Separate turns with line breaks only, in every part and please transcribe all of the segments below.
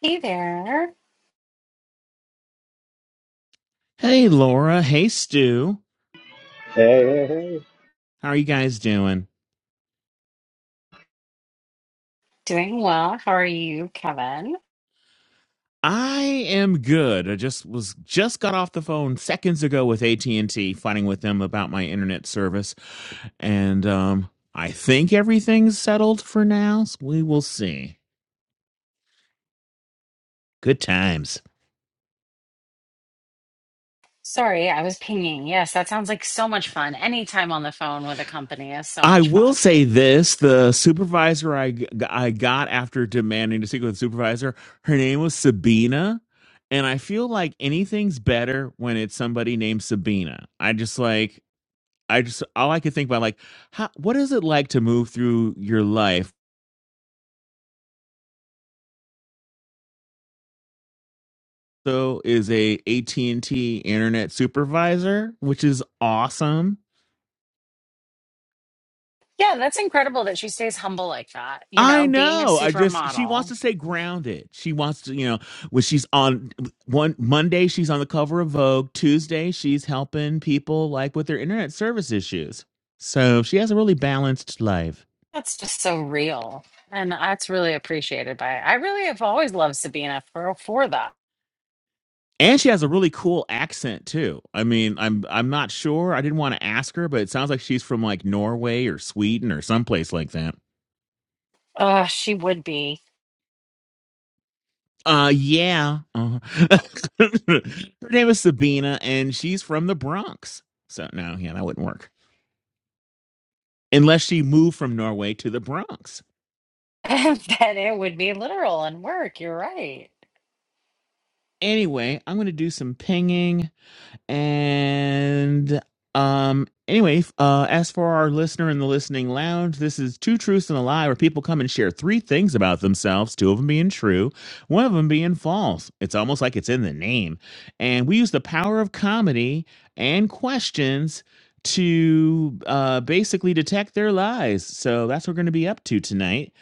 Hey there.
Hey, Laura. Hey, Stu.
Hey, hey, hey.
How are you guys doing?
Doing well. How are you, Kevin?
I am good. I just was just got off the phone seconds ago with AT and T, fighting with them about my internet service, and um, I think everything's settled for now. So we will see. Good times.
Sorry, I was pinging. Yes, that sounds like so much fun. Anytime on the phone with a company is so
I
much
will
fun.
say this: the supervisor I g- I got after demanding to speak with the supervisor, her name was Sabina, and I feel like anything's better when it's somebody named Sabina. I just like I just all I could think about like how what is it like to move through your life? So is a AT&T internet supervisor, which is awesome.
Yeah, that's incredible that she stays humble like that. You
I
know, being a
know. I just she wants
supermodel,
to stay grounded. She wants to, you know, when she's on one Monday she's on the cover of Vogue, Tuesday she's helping people like with their internet service issues. So she has a really balanced life.
that's just so real. And that's really appreciated by I really have always loved Sabina for, for that.
And she has a really cool accent too. I mean, I'm I'm not sure. I didn't want to ask her, but it sounds like she's from like Norway or Sweden or someplace like that.
Uh, she would be.
Uh yeah. Uh, her name is Sabina and she's from the Bronx. So no, yeah, that wouldn't work. Unless she moved from Norway to the Bronx.
then it would be literal and work. You're right.
Anyway, I'm going to do some pinging. And um, anyway, uh, as for our listener in the listening lounge, this is Two Truths and a Lie, where people come and share three things about themselves, two of them being true, one of them being false. It's almost like it's in the name. And we use the power of comedy and questions to uh, basically detect their lies. So that's what we're going to be up to tonight.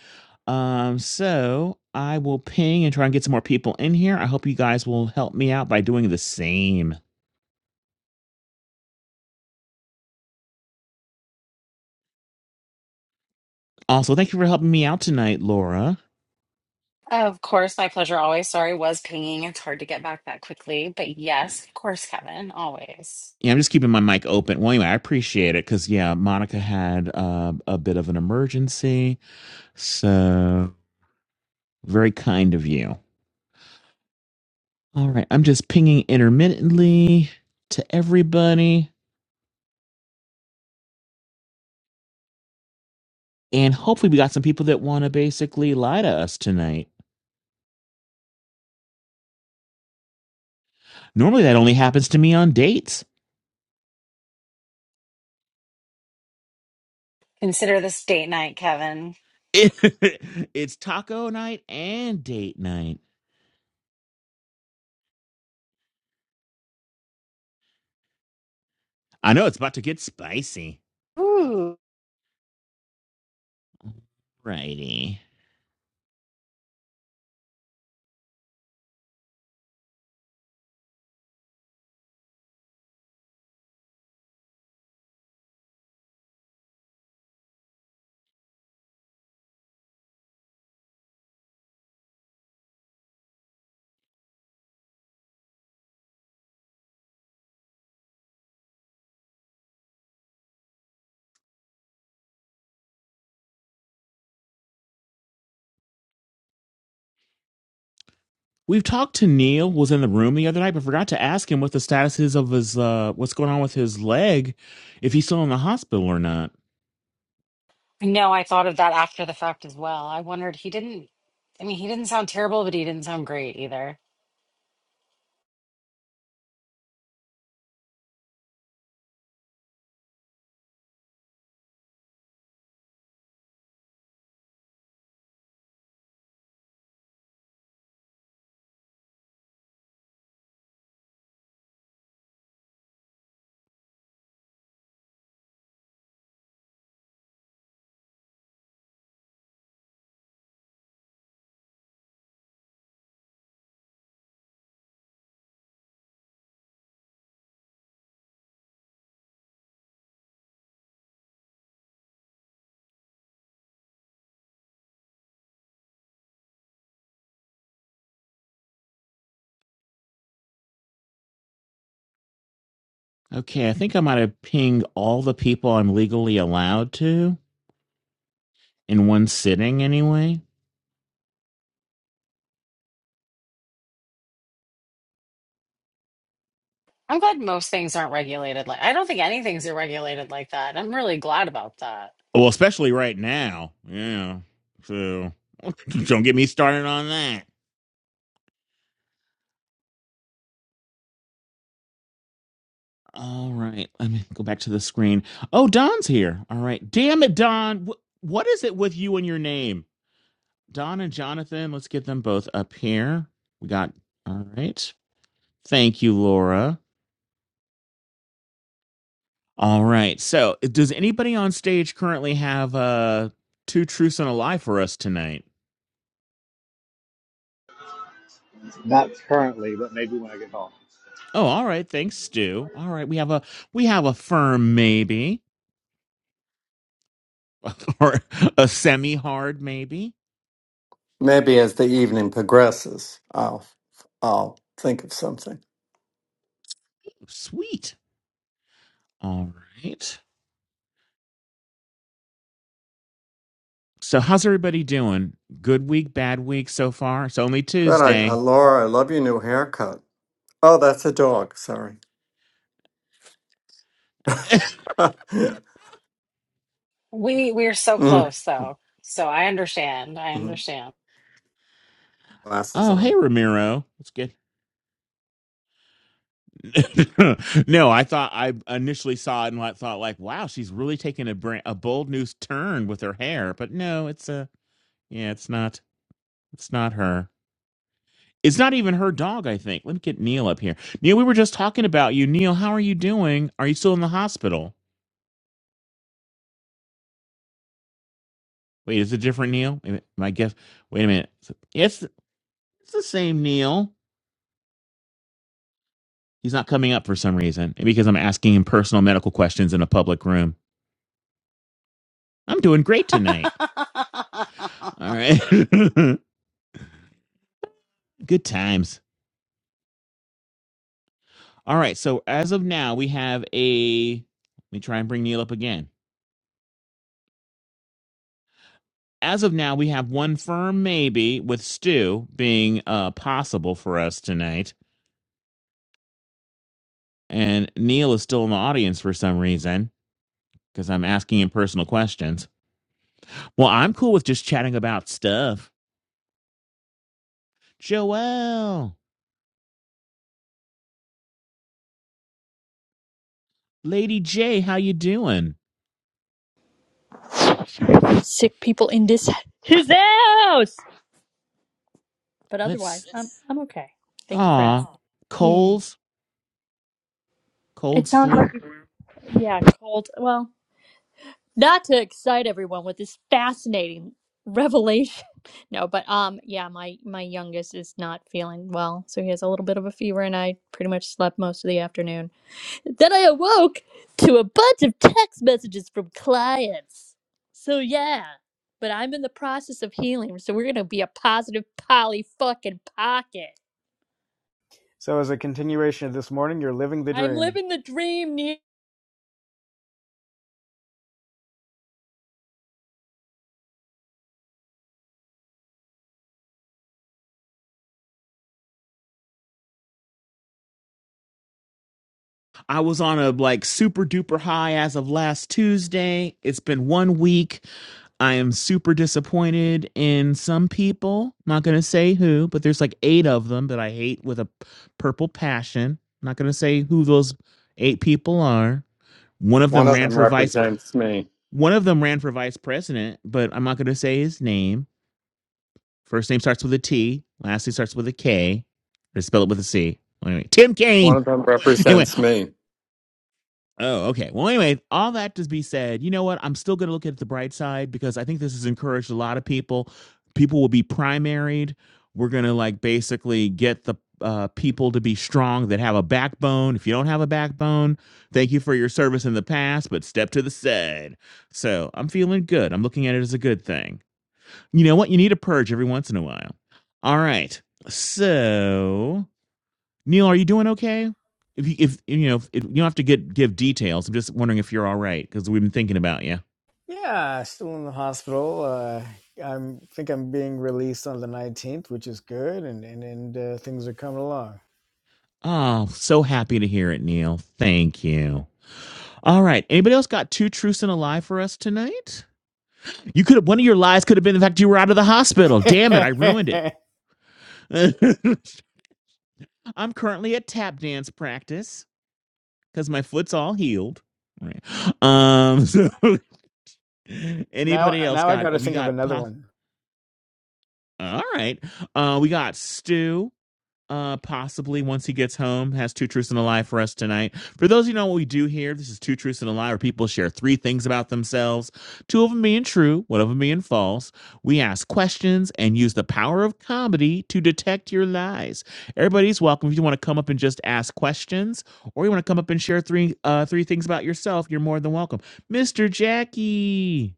Um, so I will ping and try and get some more people in here. I hope you guys will help me out by doing the same. Also, thank you for helping me out tonight, Laura.
Of course, my pleasure always. Sorry, was pinging. It's hard to get back that quickly. But yes, of course, Kevin, always.
Yeah, I'm just keeping my mic open. Well, anyway, I appreciate it because, yeah, Monica had uh, a bit of an emergency. So, very kind of you. All right. I'm just pinging intermittently to everybody. And hopefully, we got some people that want to basically lie to us tonight. Normally, that only happens to me on dates.
Consider this date night, Kevin.
it's taco night and date night. I know it's about to get spicy.
Ooh.
Righty. We've talked to Neil was in the room the other night, but forgot to ask him what the status is of his uh what's going on with his leg, if he's still in the hospital or not.
No, I thought of that after the fact as well. I wondered, he didn't, I mean, he didn't sound terrible, but he didn't sound great either.
Okay, I think I might have pinged all the people I'm legally allowed to in one sitting anyway.
I'm glad most things aren't regulated like I don't think anything's regulated like that. I'm really glad about that.
Well, especially right now. Yeah. So don't get me started on that. All right, let me go back to the screen. Oh, Don's here. All right, damn it, Don. Wh- what is it with you and your name, Don and Jonathan? Let's get them both up here. We got. All right, thank you, Laura. All right, so does anybody on stage currently have uh two truths and a lie for us tonight?
Not currently, but maybe when I get home.
Oh, all right. Thanks, Stu. All right, we have a we have a firm maybe or a semi hard maybe.
Maybe as the evening progresses, I'll I'll think of something.
Sweet. All right. So how's everybody doing? Good week, bad week so far? It's only
Good, I, uh,
Tuesday.
Laura, I love your new haircut. Oh, that's a dog. Sorry.
We we're so
Mhm,
close though. So I understand. I
mhm.
understand.
Glasses
Oh, hey
on.
Ramiro. That's good. no, I thought I initially saw it and I thought like, wow, she's really taking a brand, a bold new turn with her hair. But no, it's a yeah, it's not. It's not her. It's not even her dog. I think. Let me get Neil up here. Neil, we were just talking about you. Neil, how are you doing? Are you still in the hospital? Wait, is it different Neil? Wait a minute, My guess. Wait a minute. Yes, it's the same Neil. He's not coming up for some reason because I'm asking him personal medical questions in a public room. I'm doing great tonight. All right. Good times. All right. So as of now, we have a. Let me try and bring Neil up again. As of now, we have one firm maybe with Stu being uh, possible for us tonight. And Neil is still in the audience for some reason because I'm asking him personal questions. Well, I'm cool with just chatting about stuff. Joelle, Lady J, how you doing?
sick people in this his house. But otherwise,
Let's
I'm I'm okay. Thank you for
ah
asking. Yeah,
colds
it
colds
sounds
flu.
like yeah, cold. Well, not to excite everyone with this fascinating revelation. No, but um, yeah, my my youngest is not feeling well, so he has a little bit of a fever, and I pretty much slept most of the afternoon. Then I awoke to a bunch of text messages from clients. So yeah, but I'm in the process of healing, so we're gonna be a positive poly fucking pocket.
So, as a continuation of this morning, you're living the
I'm
dream.
living the dream. Ne-
I was on a like super duper high as of last Tuesday. It's been one week. I am super disappointed in some people. I'm Not gonna say who, but there's like eight of them that I hate with a purple passion. I'm Not gonna say who those eight people are. One of
One
them
of
ran
them
for vice.
represents me.
One of them ran for vice president, but I'm not gonna say his name First name starts with a T. Last name starts with a K. They spell it with a C. Anyway, Tim
One
Kaine.
of them
Anyway,
represents me.
oh, okay. Well, anyway, all that to be said, you know what? I'm still going to look at the bright side because I think this has encouraged a lot of people. People will be primaried. We're going to like basically get the uh, people to be strong that have a backbone. If you don't have a backbone, thank you for your service in the past, but step to the side. So I'm feeling good. I'm looking at it as a good thing. You know what? You need a purge every once in a while. All right. So, Neil, are you doing okay? If you, if you know, if, if you don't have to get give details. I'm just wondering if you're all right because we've been thinking about you.
Yeah, still in the hospital. Uh, i think I'm being released on the 19th, which is good, and and, and uh, things are coming along.
Oh, so happy to hear it, Neil. Thank you. All right. Anybody else got two truths and a lie for us tonight? You could have one of your lies could have been the fact you were out of the hospital. Damn it, I ruined it. I'm currently at tap dance practice because my foot's all healed. Right. Um. So Anybody
now,
else
now I got to
got? We
think of
got
another
pos.
one.
All right. Uh, we got Stu. Uh, possibly once he gets home, has two truths and a lie for us tonight. For those of you who know what we do here, this is two truths and a lie, where people share three things about themselves, two of them being true, one of them being false. We ask questions and use the power of comedy to detect your lies. Everybody's welcome. If you want to come up and just ask questions, or you want to come up and share three uh three things about yourself, you're more than welcome, Mister Jackie.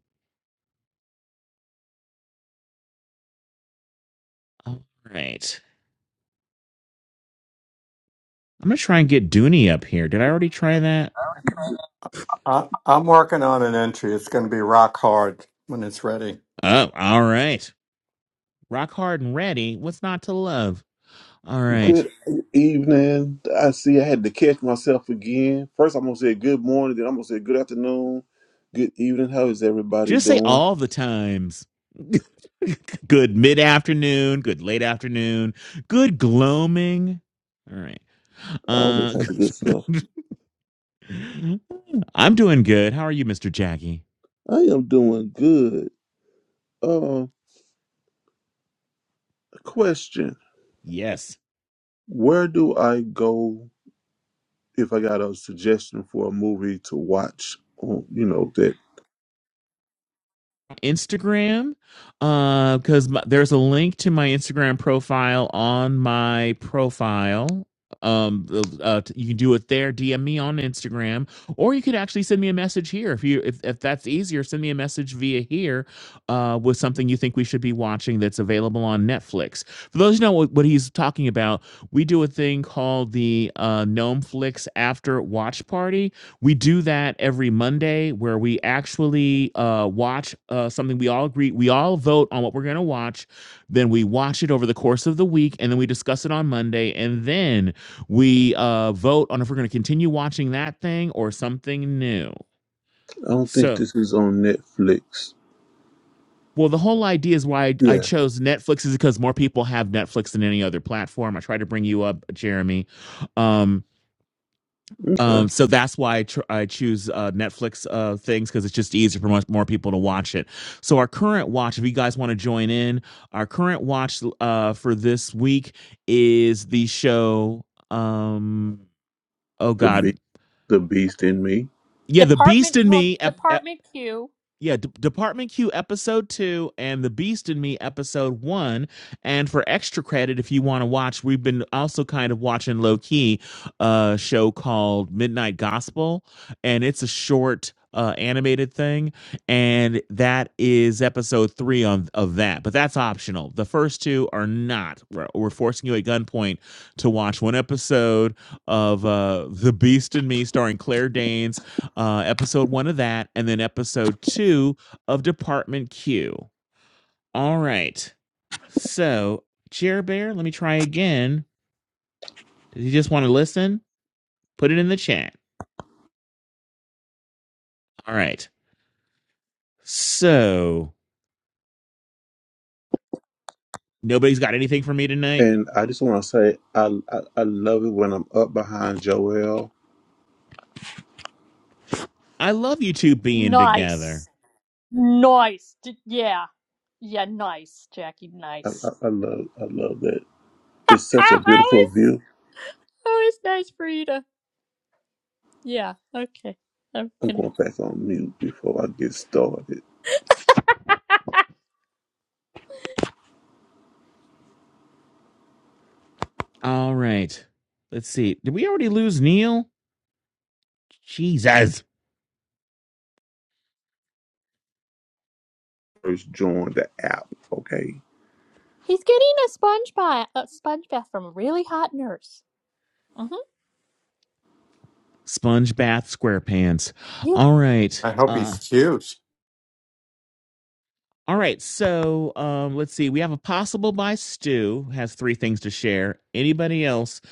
All right. I'm gonna try and get Dooney up here. Did I already try that?
I, I'm working on an entry. It's going to be rock hard when it's ready.
Oh, all right. Rock hard and ready. What's not to love? All right.
Good evening. I see I had to catch myself again. First, I'm going to say good morning, then I'm going to say good afternoon, good evening. How is everybody
Just say
doing?
all the times. good mid afternoon. Good late afternoon. Good gloaming. All right.
All that
Uh,
type of good stuff.
I'm doing good. How are you, Mr. Jackie?
I am doing good. Uh, question
Yes.
Where do I go if I got a suggestion for a movie to watch? On, you know, that
Instagram uh, because there's a link to my Instagram profile on my profile. Um, uh, you can do it there. DM me on Instagram, or you could actually send me a message here if you if, if that's easier. Send me a message via here uh, with something you think we should be watching that's available on Netflix. For those who know what, what he's talking about, we do a thing called the uh, Gnome Flix After Watch Party, we do that every Monday where we actually uh, watch uh, something we all agree, we all vote on what we're going to watch. Then we watch it over the course of the week and then we discuss it on Monday. And then we uh, vote on if we're going to continue watching that thing or something new.
I don't think
So,
this is on Netflix.
well, the whole idea is why I, I
Yeah.
chose Netflix is because more people have Netflix than any other platform. I try to bring you up, Jeremy. Um,
Okay.
Um, so that's why I, tr- I choose uh, Netflix uh, things because it's just easier for much more people to watch it. So our current watch, if you guys want to join in, our current watch uh, for this week is the show. Um, oh
The,
God,
beast. the Beast in Me.
yeah, The
department,
Beast in
well,
Me, ep- ep-
department Q.
yeah, D- Department Q episode two and The Beast in Me episode one. And for extra credit, if you want to watch, we've been also kind of watching low key a show called Midnight Gospel, and it's a short uh, animated thing, and that is episode three on of that. But that's optional. The first two are not. We're, we're forcing you at gunpoint to watch one episode of uh, The Beast in Me, starring Claire Danes uh, episode one of that, and then episode two of Department Q. All right. So, Chair Bear, let me try again. Does he just want to listen? Put it in the chat. All right. So, nobody's got anything for me tonight?
And I just want to say, I, I I love it when I'm up behind Joel.
I love you two being together.
Nice, nice. D- yeah, yeah, nice, Jackie.
I, I,
Nice.
I love I love that. It's such a beautiful
Always,
view.
always nice for you to? Yeah. Okay. I'm
I'm going back on mute before I get started.
gonna.
All right. Let's see. Did we already lose Neil? Jesus.
First, join the app, okay?
He's getting a sponge bath, a sponge bath from a really hot nurse. hmm
Sponge bath, SquarePants.
Yeah.
All right.
I hope
Uh,
he's cute.
All right, so um, let's see. We have a possible by Stu has three things to share. Anybody else?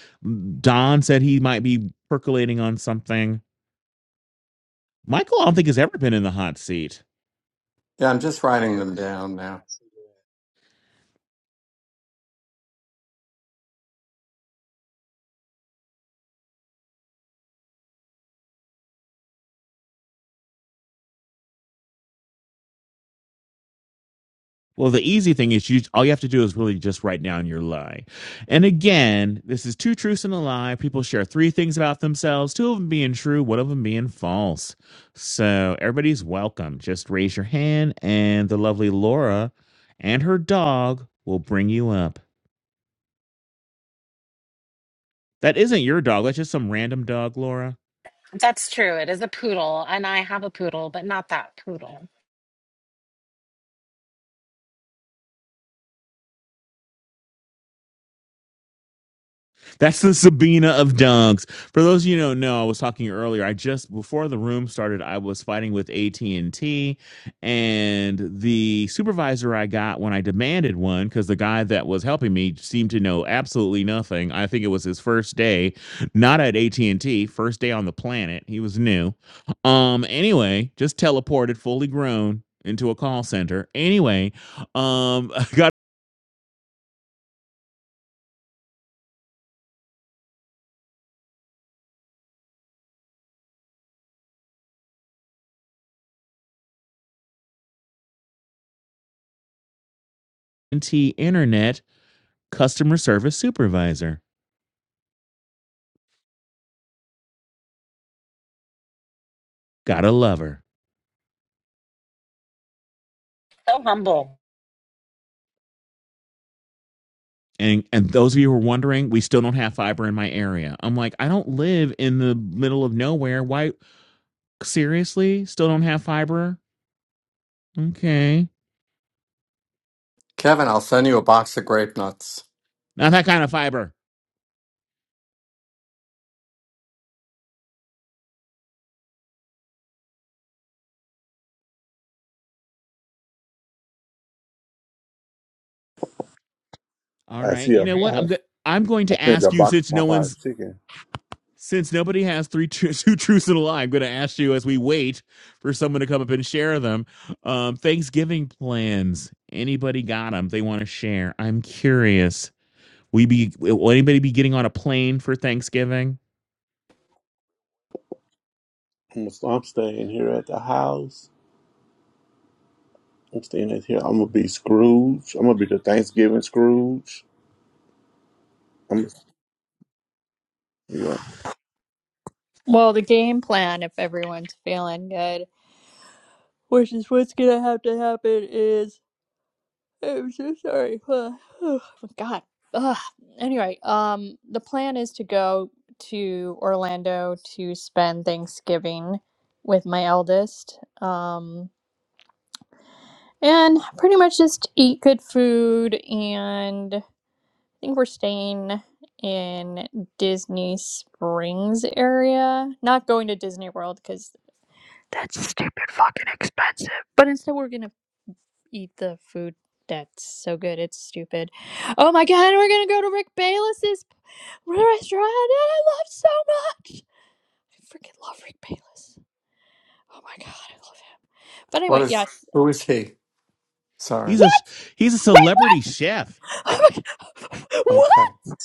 Don said he might be percolating on something. Michael, I don't think has ever been in the hot seat.
Yeah, I'm just
I
writing
have
them
not
down
been to
now.
Australia.
Well, the easy thing is you all you have to do is really just write down your lie. And again, this is two truths and a lie. People share three things about themselves, two of them being true, one of them being false. So everybody's welcome. Just raise your hand and the lovely Laura and her dog will bring you up. That isn't your dog, that's just some random dog, Laura.
That's true. It is a poodle, and I have a poodle, but not that poodle.
That's the Sabina of dunks. For those of you who don't know, I was talking earlier. I just before the room started, I was fighting with AT and T, and the supervisor I got when I demanded one because the guy that was helping me seemed to know absolutely nothing. I think it was his first day, not at AT and T, first day on the planet. He was new. Um. Anyway, just teleported, fully grown, into a call center. Anyway, um, I got AT internet customer service supervisor Gotta love her.
So humble.
And and those of you who are wondering, we still don't have fiber in my area. I'm like, I don't live in the middle of nowhere. Why seriously? Still don't have fiber? Okay.
Kevin, I'll send you a box of grape nuts.
Not that kind of fiber. All
I
right.
see a
You know
I,
what? I'm go- I'm going
I
to
think it's a
ask you
box
since no
of Popeye's
one's
chicken.
since nobody has three tru- two truths and a lie, I'm going to ask you as we wait for someone to come up and share them. Um, Thanksgiving plans. Anybody got them? They want to share. I'm curious. We be will anybody be getting on a plane for Thanksgiving?
I'm, I'm staying here at the house. I'm staying at here. I'm gonna be Scrooge. I'm gonna be the Thanksgiving Scrooge. I'm yeah.
Well, the game plan, if everyone's feeling good, which is what's gonna have to happen, is I'm so sorry. Oh, God. Ugh. Anyway, um, the plan is to go to Orlando to spend Thanksgiving with my eldest, um, and pretty much just eat good food and think we're staying in Disney Springs area. Not going to Disney World because that's stupid fucking expensive. But instead, we're gonna eat the food that's so good. It's stupid. Oh my god, we're gonna go to Rick Bayless's restaurant that I love so much. I freaking love Rick Bayless. Oh my god, I love him. But
What
anyway,
is?
yes.
Who is he?
He's
Sorry.
What?
a he's a
Wait,
celebrity
what?
chef.
Oh my god.
Okay.
What?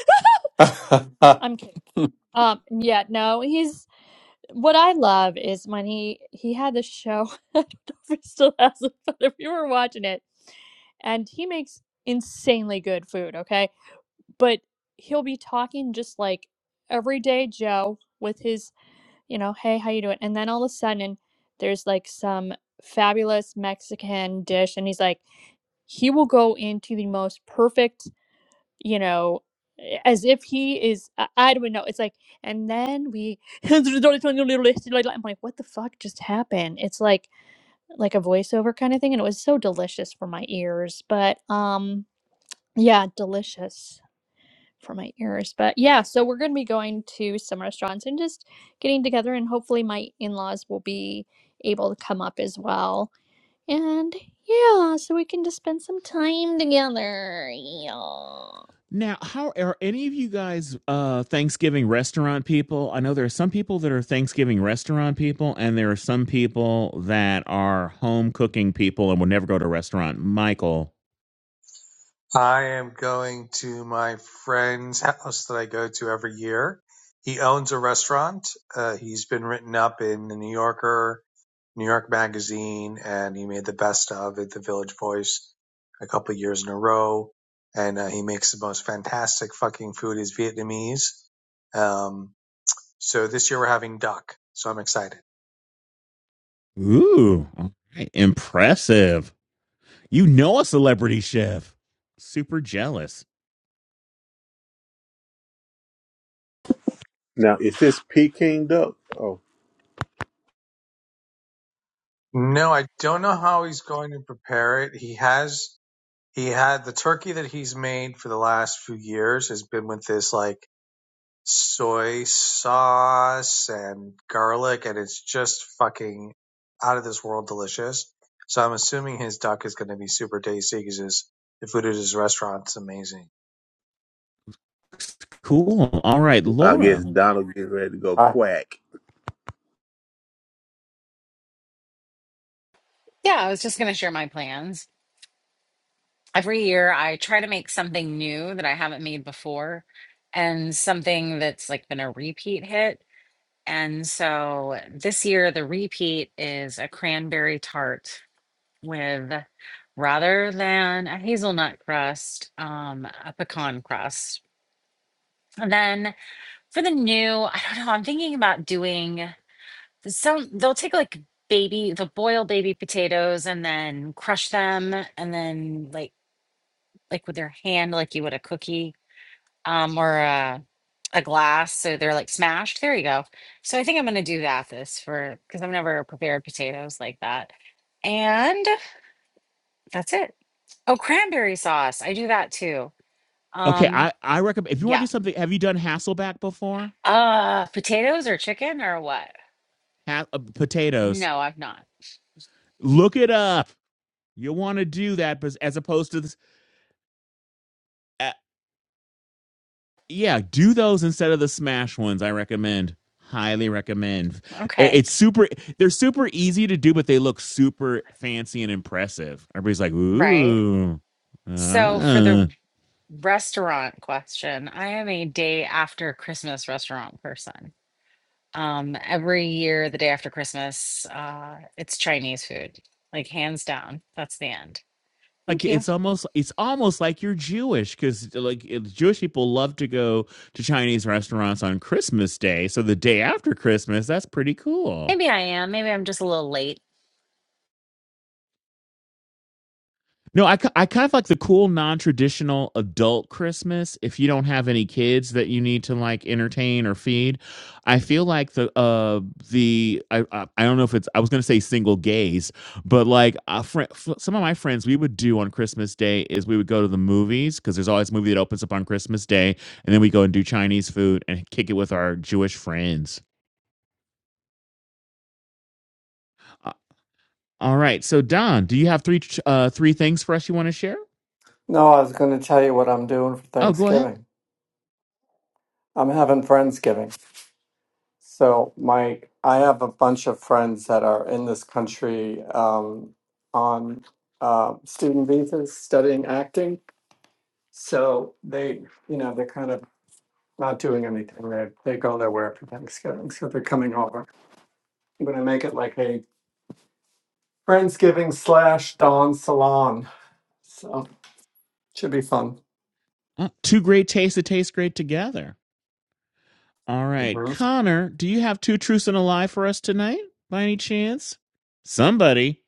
I,
I'm kidding.
no,
Um, yeah, no, he's what I love is when he he had this show. I don't know if he still has it, but if you were watching it, and he makes insanely good food. Okay, but he'll be talking just like everyday Joe with his, you know, hey, how you doing? And then all of a sudden, there's like some fabulous Mexican dish, and he's like, he will go into the most perfect you know, eh, as if he is, I, I don't know. It's like, and then we, I'm like, what the fuck just happened? It's like, like a voiceover kind of thing. And it was so delicious for my ears, but, um, yeah, delicious for my ears. But yeah, so we're going to be going to some restaurants and just getting together and hopefully my in-laws will be able to come up as well. And yeah, so we can just spend some time together. Yeah.
Now, how are any of you guys uh Thanksgiving restaurant people? I know there are some people that are Thanksgiving restaurant people and there are some people that are home cooking people and will never go to a restaurant. Michael.
I am going to my friend's house that I go to every year. He owns a restaurant. Uh, he's been written up in the New Yorker, New York Magazine, and he made the best of at the Village Voice a couple of years in a row. And uh, he makes the most fantastic fucking food. Is Vietnamese. Um, so this year we're having duck. So I'm excited.
Ooh, all right. impressive. You know a celebrity chef. Super jealous.
Now, is this Peking duck? Oh,
No, I don't know how he's going to prepare it. He has. He had the turkey that he's made for the last few years has been with this like soy sauce and garlic, and it's just fucking out of this world delicious. So I'm assuming his duck is going to be super tasty because the food at his restaurant is amazing.
Cool. All right,
I guess
Laura.
Donald get ready to go
I
quack.
Yeah, I was just going to share my plans. Every year, I try to make something new that I haven't made before and something that's like been a repeat hit. And so this year, the repeat is a cranberry tart with rather than a hazelnut crust, um, a pecan crust. And then for the new, I don't know, I'm thinking about doing. Some they'll take like baby, they'll boil baby potatoes and then crush them and then like like with their hand, like you would a cookie, um, or a a glass. So they're like smashed. There you go. So I think I'm gonna do that this for because I've never prepared potatoes like that. And that's it. Oh, cranberry sauce. I do that too.
Okay,
Um,
I I recommend if you want to
yeah.
do something, have you done Hasselback before?
Uh, potatoes or chicken or what?
Ha- uh, potatoes.
No, I've not.
Look it up. You want to do that, but as opposed to this, uh, yeah, do those instead of the smash ones. I recommend, highly recommend.
Okay.
It's super. They're super easy to do, but they look super fancy and impressive. Everybody's like,
Right.
ooh,
So for
ah.
the Restaurant question. I am a day after Christmas restaurant person. Um, every year, the day after Christmas, uh, it's Chinese food, like hands down. That's the end.
like
Thank you.
it's almost it's almost like you're Jewish because like Jewish people love to go to Chinese restaurants on Christmas Day, so the day after Christmas, that's pretty cool.
Maybe I am. Maybe I'm just a little late.
No, I, I kind of like the cool non traditional adult Christmas. If you don't have any kids that you need to like entertain or feed, I feel like the uh the I I, I don't know if it's I was gonna say single gays, but like a friend, some of my friends we would do on Christmas Day is we would go to the movies because there's always a movie that opens up on Christmas Day, and then we go and do Chinese food and kick it with our Jewish friends. Uh, All right, so Don, do you have three ch- uh three things for us you want to share?
was going to tell you what I'm doing for
Oh, go ahead.
Thanksgiving. I'm having Friendsgiving. So, my I have a bunch of friends that are in this country um, on uh, student visas studying acting. So, they, you know, they're kind of not doing anything. They, they go nowhere for Thanksgiving. So, they're coming over. I'm going to make it like a Friendsgiving slash Don Salon. So, should be fun.
Uh, Two great tastes that taste great together. All right.
Mhm.
Connor, do you have two truths and a lie for us tonight by any chance? Somebody.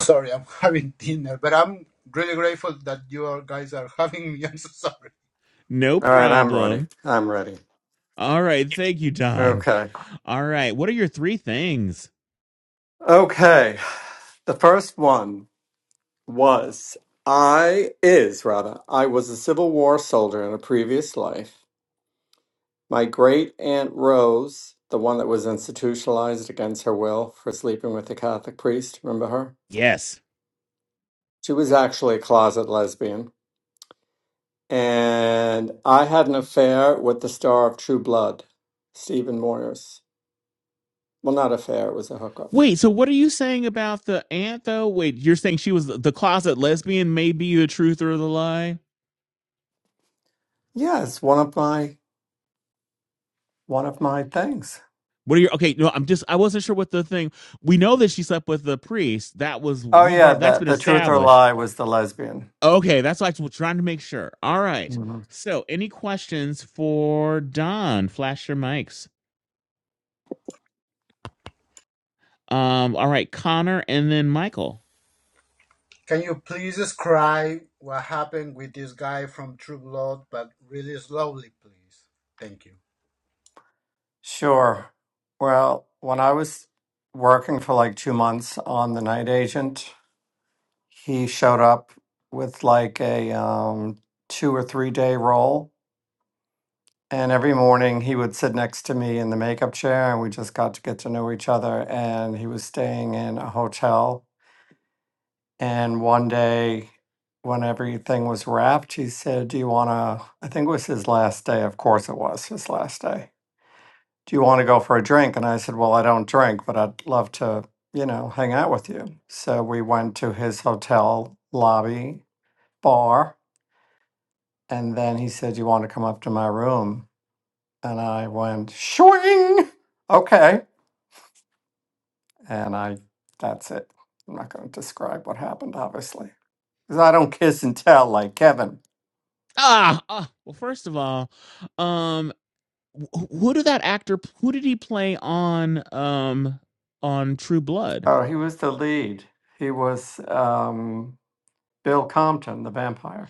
Sorry, I'm having dinner, but I'm really grateful that you all guys are having me. I'm so sorry.
No
All right, I'm ready.
problem.
I'm ready.
All right. Thank you, Don.
Okay.
All right. What are your three things?
Okay. The first one was I is rather I was a Civil War soldier in a previous life. My great aunt Rose, the one that was institutionalized against her will for sleeping with the Catholic priest, remember her?
Yes.
She was actually a closet lesbian. And I had an affair with the star of True Blood, Stephen Moyers. Well, not affair, it was a hookup.
Wait, so what are you saying about the aunt, though? Wait, you're saying she was the closet lesbian, may be the truth or the lie?
Yes, one of my one of my things.
What are your okay? No, I'm just I wasn't sure what the thing. We know that she slept with the priest. That was
Oh
we've
yeah,
that's
the
been
the truth or
established.
lie was the lesbian.
Okay, that's what I was trying to make sure. All right.
Mhm.
So, any questions for Don? Flash your mics. Um, all right, Connor and then Michael.
Can you please describe what happened with this guy from True Blood, but really slowly, please? Thank you.
Sure. Well, when I was working for like two months on the night agent, he showed up with like a um, two or three day roll, and every morning he would sit next to me in the makeup chair, and we just got to get to know each other. And he was staying in a hotel, and one day. When everything was wrapped, he said, Do you want to? I think it was his last day. Of course, it was his last day do you want to go for a drink? And I said, well, I don't drink, but I'd love to, you know, hang out with you. So we went to his hotel lobby bar. And then he said, you want to come up to my room? And I went, Shwing, Okay. And I, that's it. I'm not going to describe what happened, obviously, because I don't kiss and tell like Kevin.
Ah, ah well, first of all, um, wh- who did that actor? Who did he play on um on True Blood?
Oh, he was the lead. He was um, Bill Compton, the vampire.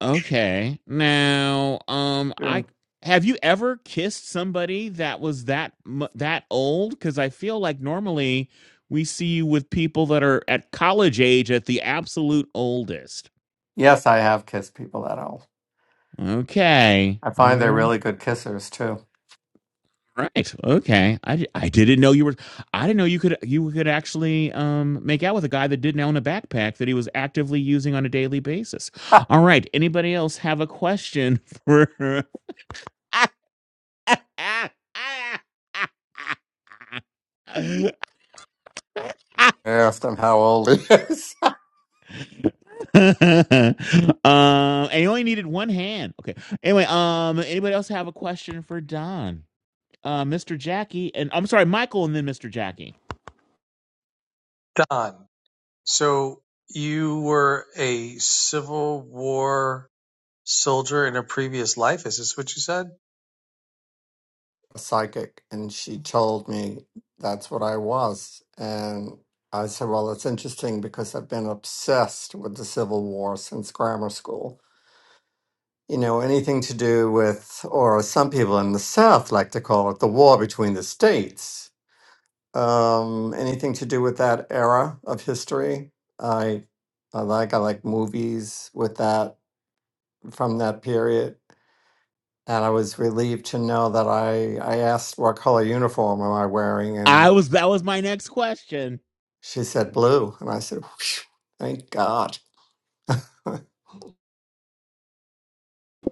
Okay. Now, um, I
Sure.
have you ever kissed somebody that was that mu- that old? Because I feel like normally we see you with people that are at college age at the absolute oldest.
Yes, I have kissed people that old.
Okay.
I find they're
All
really good kissers too.
right. Okay. I, di- I didn't know you were. I didn't know you could you could actually um make out with a guy that didn't own a backpack that he was actively using on a daily basis.
I
All right. Anybody else have a question for? um,
asked him how old he is.
and you only needed one hand. Okay. Anyway, um, anybody else have a question for Don, uh, Mr. Jackie, and I'm sorry, Michael, and then Mr. Jackie.
Don, so you were a Civil War soldier in a previous life. Is this what you said?
A psychic, and she told me that's what I was. And I said, Well, it's interesting because I've been obsessed with the Civil War since grammar school. You know, anything to do with, or some people in the South like to call it the war between the states. Um, anything to do with that era of history. I, I like, I like movies with that from that period and I was relieved to know that I I asked what color uniform am I wearing,
I
and
was that was my next question
she said blue, and I said, "Phew, thank God.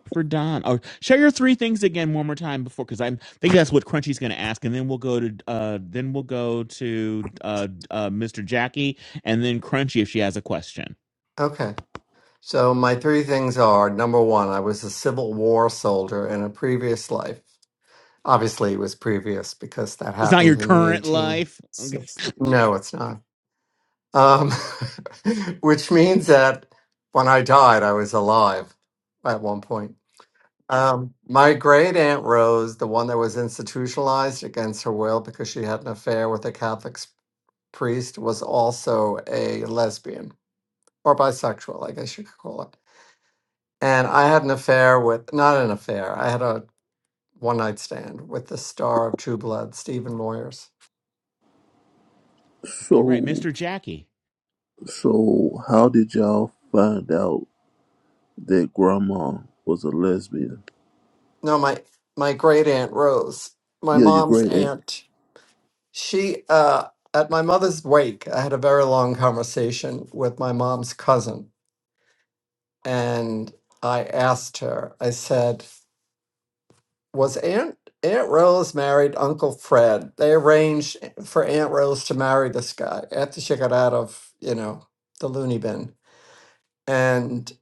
for Don. Oh, share your three things again one more time before, because I'm I think that's what Crunchy's going to ask, and then we'll go to uh, then we'll go to uh, uh, Mr. Jackie, and then Crunchy if she has a question.
okay. So my three things are number one, I was a Civil War soldier in a previous life. Obviously, it was previous because that
It's not
happened
your
in the
current life. Okay.
1860s. No, it's not. Um, which means that when I died, I was alive at one point. Um, my great aunt Rose, the one that was institutionalized against her will because she had an affair with a Catholic s- priest, was also a lesbian or bisexual, I guess you could call it. And I had an affair with, not an affair, I had a one night stand with the star of True Blood, Stephen Moyers
All right,
So.
Mr. Jackie.
So, how did y'all find out that grandma was a lesbian?
no my my great aunt rose my
Yeah, you're
mom's
great at.
aunt she uh at my mother's wake i had a very long conversation with my mom's cousin and i asked her i said was aunt aunt rose married uncle fred they arranged for aunt rose to marry this guy after she got out of you know the loony bin and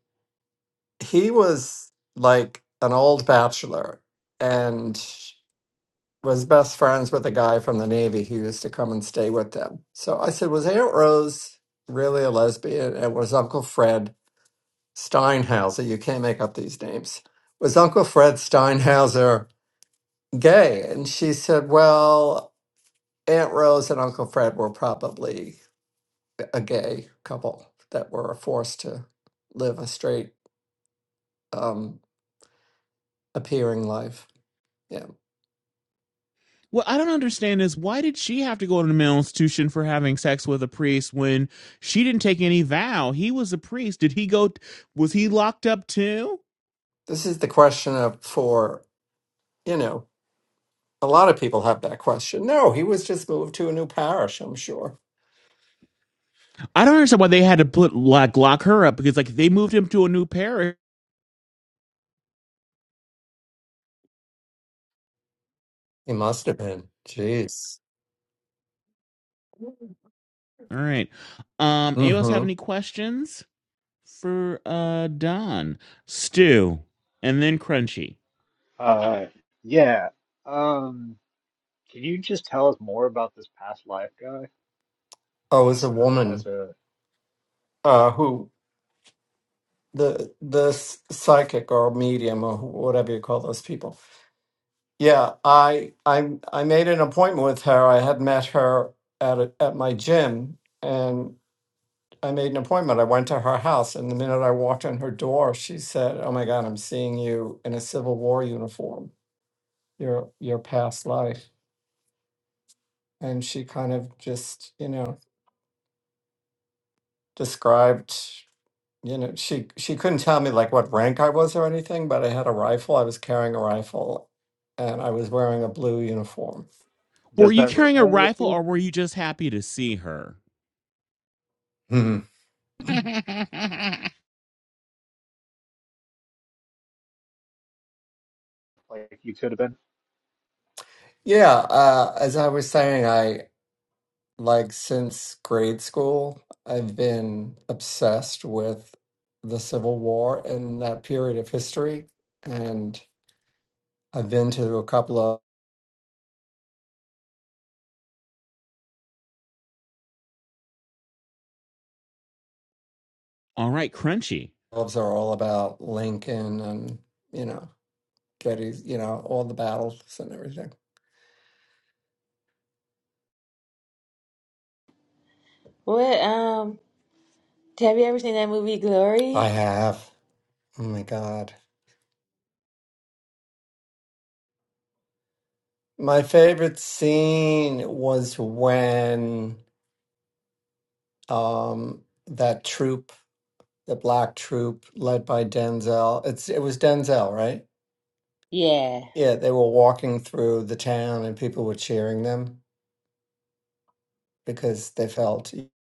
he was like an old bachelor and was best friends with a guy from the Navy who used to come and stay with them. So I said, Was Aunt Rose really a lesbian? And was Uncle Fred Steinhauser, you can't make up these names, was Uncle Fred Steinhauser gay? And she said, Well, Aunt Rose and Uncle Fred were probably a gay couple that were forced to live a straight um, appearing life. Yeah.
What I don't understand is why did she have to go to the mental institution for having sex with a priest when she didn't take any vow? He was a priest. Did he go? Was he locked up too?
This is the question of for, you know, A lot of people have that question. No, he was just moved to a new parish, I'm sure.
I don't understand why they had to put like lock her up because like they moved him to a new parish.
He must have been. Jeez.
All right. Um. Anyone else have
Mm-hmm.
any questions for uh Don, Stu, and then Crunchy?
Uh, yeah. Um, can you just tell us more about this past life guy?
Oh, it's a
As
woman
a,
uh, who the the s- psychic or medium or wh- whatever you call those people. Yeah, I I I made an appointment with her. I had met her at a, at my gym, and I made an appointment. I went to her house, and the minute I walked in her door, she said, "Oh my God, I'm seeing you in a Civil War uniform. Your your past life." and she kind of just you know described you know she she couldn't tell me like what rank i was or anything but i had a rifle i was carrying a rifle and i was wearing a blue uniform
Were
does
you
that
carrying a
resonate with
rifle
you?
or were you just happy to see her?
Mhm.
Like you could have been?
yeah uh, as i was saying i like since grade school i've been obsessed with the civil war and that period of history and i've been to a couple of
All right, crunchy.
clubs that are all about lincoln and you know that he's you know all the battles and everything
What um have you ever seen that movie
i
Glory?
have oh my god my favorite scene was when um that troop the black troop led by denzel it's it was denzel right
Yeah.
yeah they were walking through the town and people were cheering them because they felt you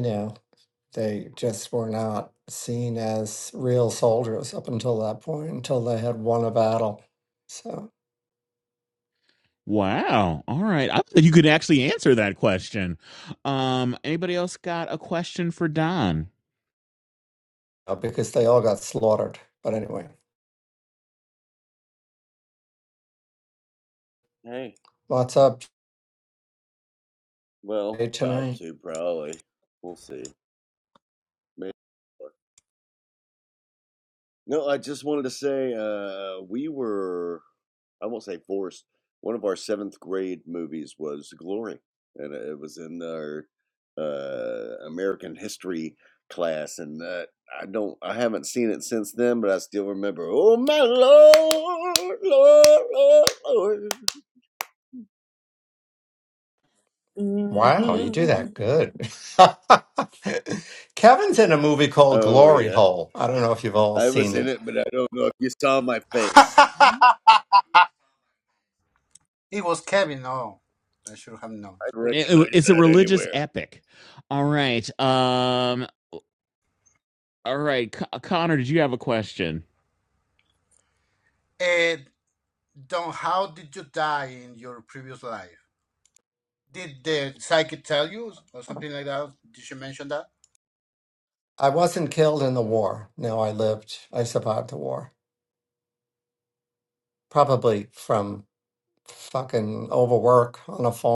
know they just were not seen as real soldiers up until that point until they had won a battle So.
Wow. All right. I thought you could actually answer that question. Um, anybody else got a question for Don?
uh, because they all got slaughtered. But anyway,
Hey,
what's up
well,
Jay,
about
tonight?
to probably. We'll see. Maybe. more. No, I just wanted to say uh, we were, I won't say forced. One of our seventh grade movies was Glory, and it was in our uh, American history class. And uh, I don't, I haven't seen it since then, but I still remember. Oh my lord, lord, lord, lord.
hmm
Wow,
Mm.
you do that good. Kevin's in a movie called
Oh
Glory
yeah,
Hole. I don't know if you've all
I was
seen
in
it.
it, but I don't know if you saw my face.
it was Kevin. Oh, I should have known.
I would
It- it- it's a religious
anywhere.
epic. All right. Um, all right. Co- Connor, did you have a question
And Don, how did you die in your previous life? Did the psychic tell you or something like that? Did she mention that?
I wasn't killed in the war. No, I lived. I survived the war. Probably from fucking overwork on a farm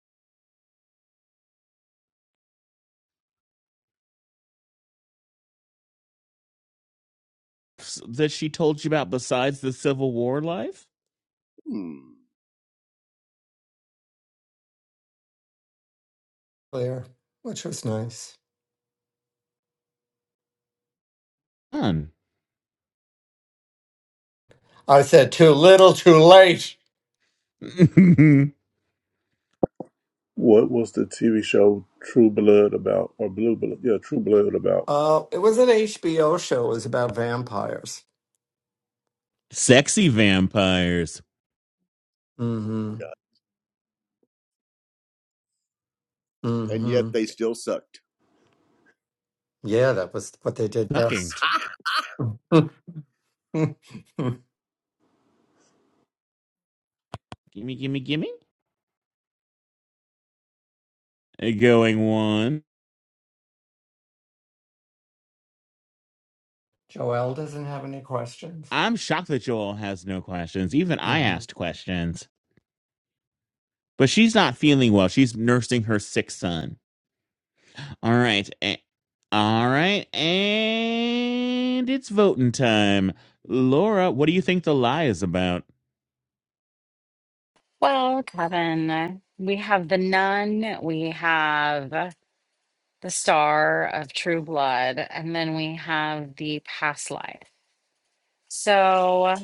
S- that she told you about besides the Civil War life?
Hmm.
there, which was nice.
Fun.
I said too little, too late.
What was the TV show True Blood about, or Blue Blood? Yeah, True Blood about.
Uh, it was an HBO show. It was about vampires.
Sexy vampires.
Mm-hmm.
And yet
Mm-hmm.
they still sucked.
Yeah, that was what they did
Sucking.
best. Joelle
Gimme, gimme, gimme. Going one.
doesn't have any questions.
I'm shocked that Joel has no questions. Even I
hmm
asked questions. but she's not feeling well. She's nursing her sick son. All right. a- all right. And it's voting time. Laura, what do you think the lie is about?
Well, Kevin, we have The Nun, we have The Star of True Blood, and then we have The Past Life. So,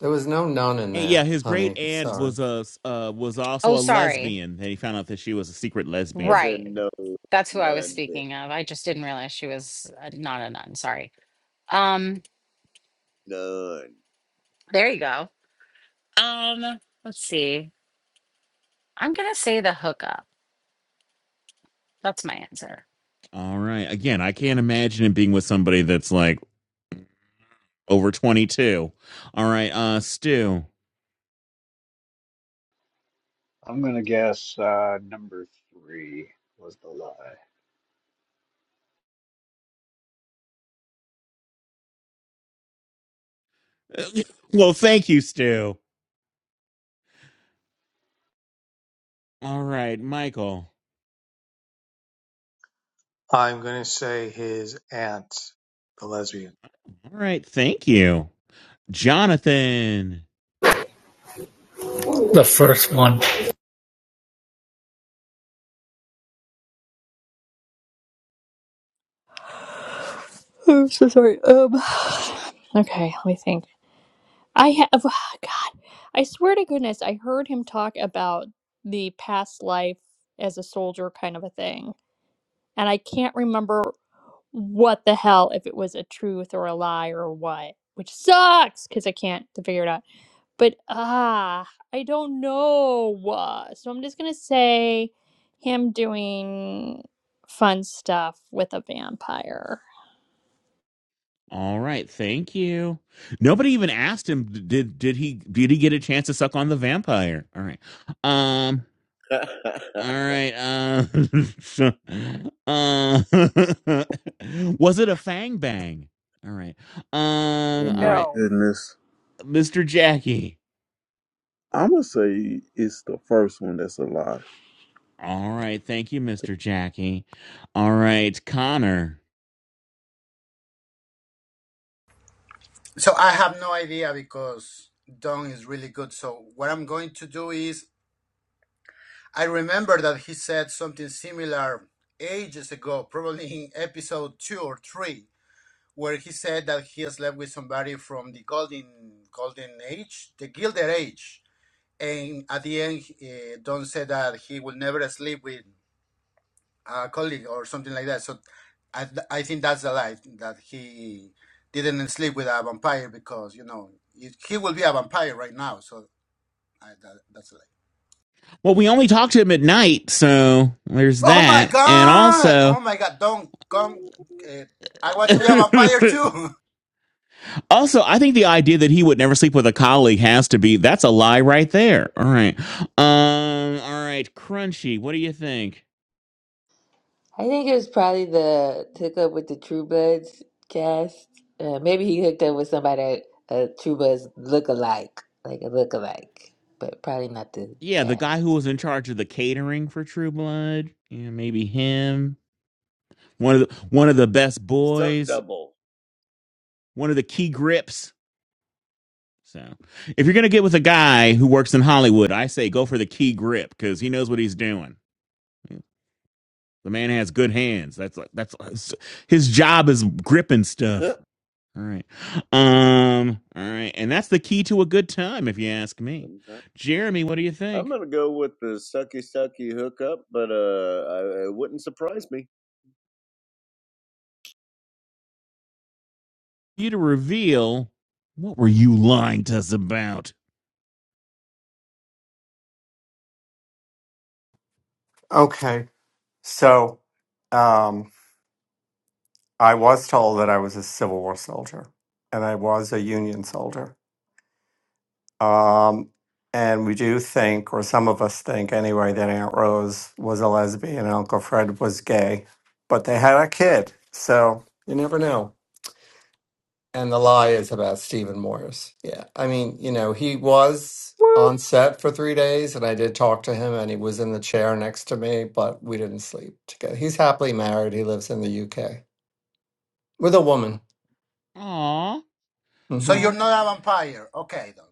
There was no none in
And yeah,
there,
his great
honey.
aunt
Sorry.
was a uh, was
oh,
also a
sorry.
lesbian, and he found out that she was a secret
As
lesbian.
in,
Right.
no,
That's who I was
none, did.
speaking of. I just didn't realize she was uh, not a nun. Sorry. Um,
none.
there you go. Um, let's see. I'm gonna say the hookup. That's my answer.
All right. Again, I can't imagine him being with somebody that's like over 22. All right, uh Stu.
I'm gonna guess uh, number three was the lie.
Well, thank you, Stu. All right, Michael.
I'm going to say his aunt, the lesbian.
All right, thank you. Jonathan.
The first one,
I'm so sorry. Um, okay, let me think. I have, God, I swear to goodness, I heard him talk about the past life as a soldier kind of a thing. And I can't remember what the hell, if it was a truth or a lie or what, which sucks because I can't figure it out. But ah, I don't know. Uh, So I'm just going to say him doing fun stuff with a vampire.
All right, thank you. Nobody even asked him did did he did he get a chance to suck on the vampire? All right. Um all right. Uh, uh was it a fang bang? All right.
Oh
Um all
my
right,
No.
goodness.
Mr. Jackie.
I'm gonna say it's the first one that's a lie.
All right, thank you, Mr. Jackie. All right, Connor.
So I have no idea because Don is really good. So what I'm going to do is I remember that he said something similar ages ago, probably in episode two or three, where he said that he slept with somebody from the golden golden age, the gilded age, and at the end, uh, Don said that he will never sleep with a colleague or something like that. So, I, I think that's a lie that he didn't sleep with a vampire because you know he will be a vampire right now. So I, that, that's a lie.
Well, we only talked to him at night, so there's
Oh my
that. And
god!
also
Oh my god! Don't come. Uh, I want to be a vampire too.
Also, I think the idea that he would never sleep with a colleague has to be that's a lie right there. All right. Um, all right, Crunchy, what do you think?
I think it was probably the took up with the True Bloods cast. Uh, maybe he hooked up with somebody at a True Bloods look-alike, like a look-alike, but probably not the
Yeah, the guy who
cast.
was in charge of the catering for True Blood. Yeah, maybe him. One of the one of the best
Stunt
boys,
double.
one of the key grips. So if you're gonna get with a guy who works in Hollywood, I say go for the key grip because he knows what he's doing. The man has good hands. That's like that's his job is gripping stuff.
Sometimes.
All right. Um, all right. And that's the key to a good time, if you ask me. Jeremy, what do you
I'm
think?
gonna go with the sucky sucky hookup, but uh, I, it wouldn't surprise me.
You to reveal what were you lying to us about?
Okay, so um, I was told that I was a Civil War soldier, and I was a Union soldier. Um, and we do think, or some of us think anyway, that Aunt Rose was a lesbian and Uncle Fred was gay, but they had a kid, so you never know. And the lie is about Stephen Morris. Yeah. I mean, you know, he was
Woot.
on set for three days and I did talk to him and he was in the chair next to me, but we didn't sleep together. He's happily married. He lives in the UK with a woman.
Aw.
so
hmm
All
you're
right.
not a vampire, okay? Then.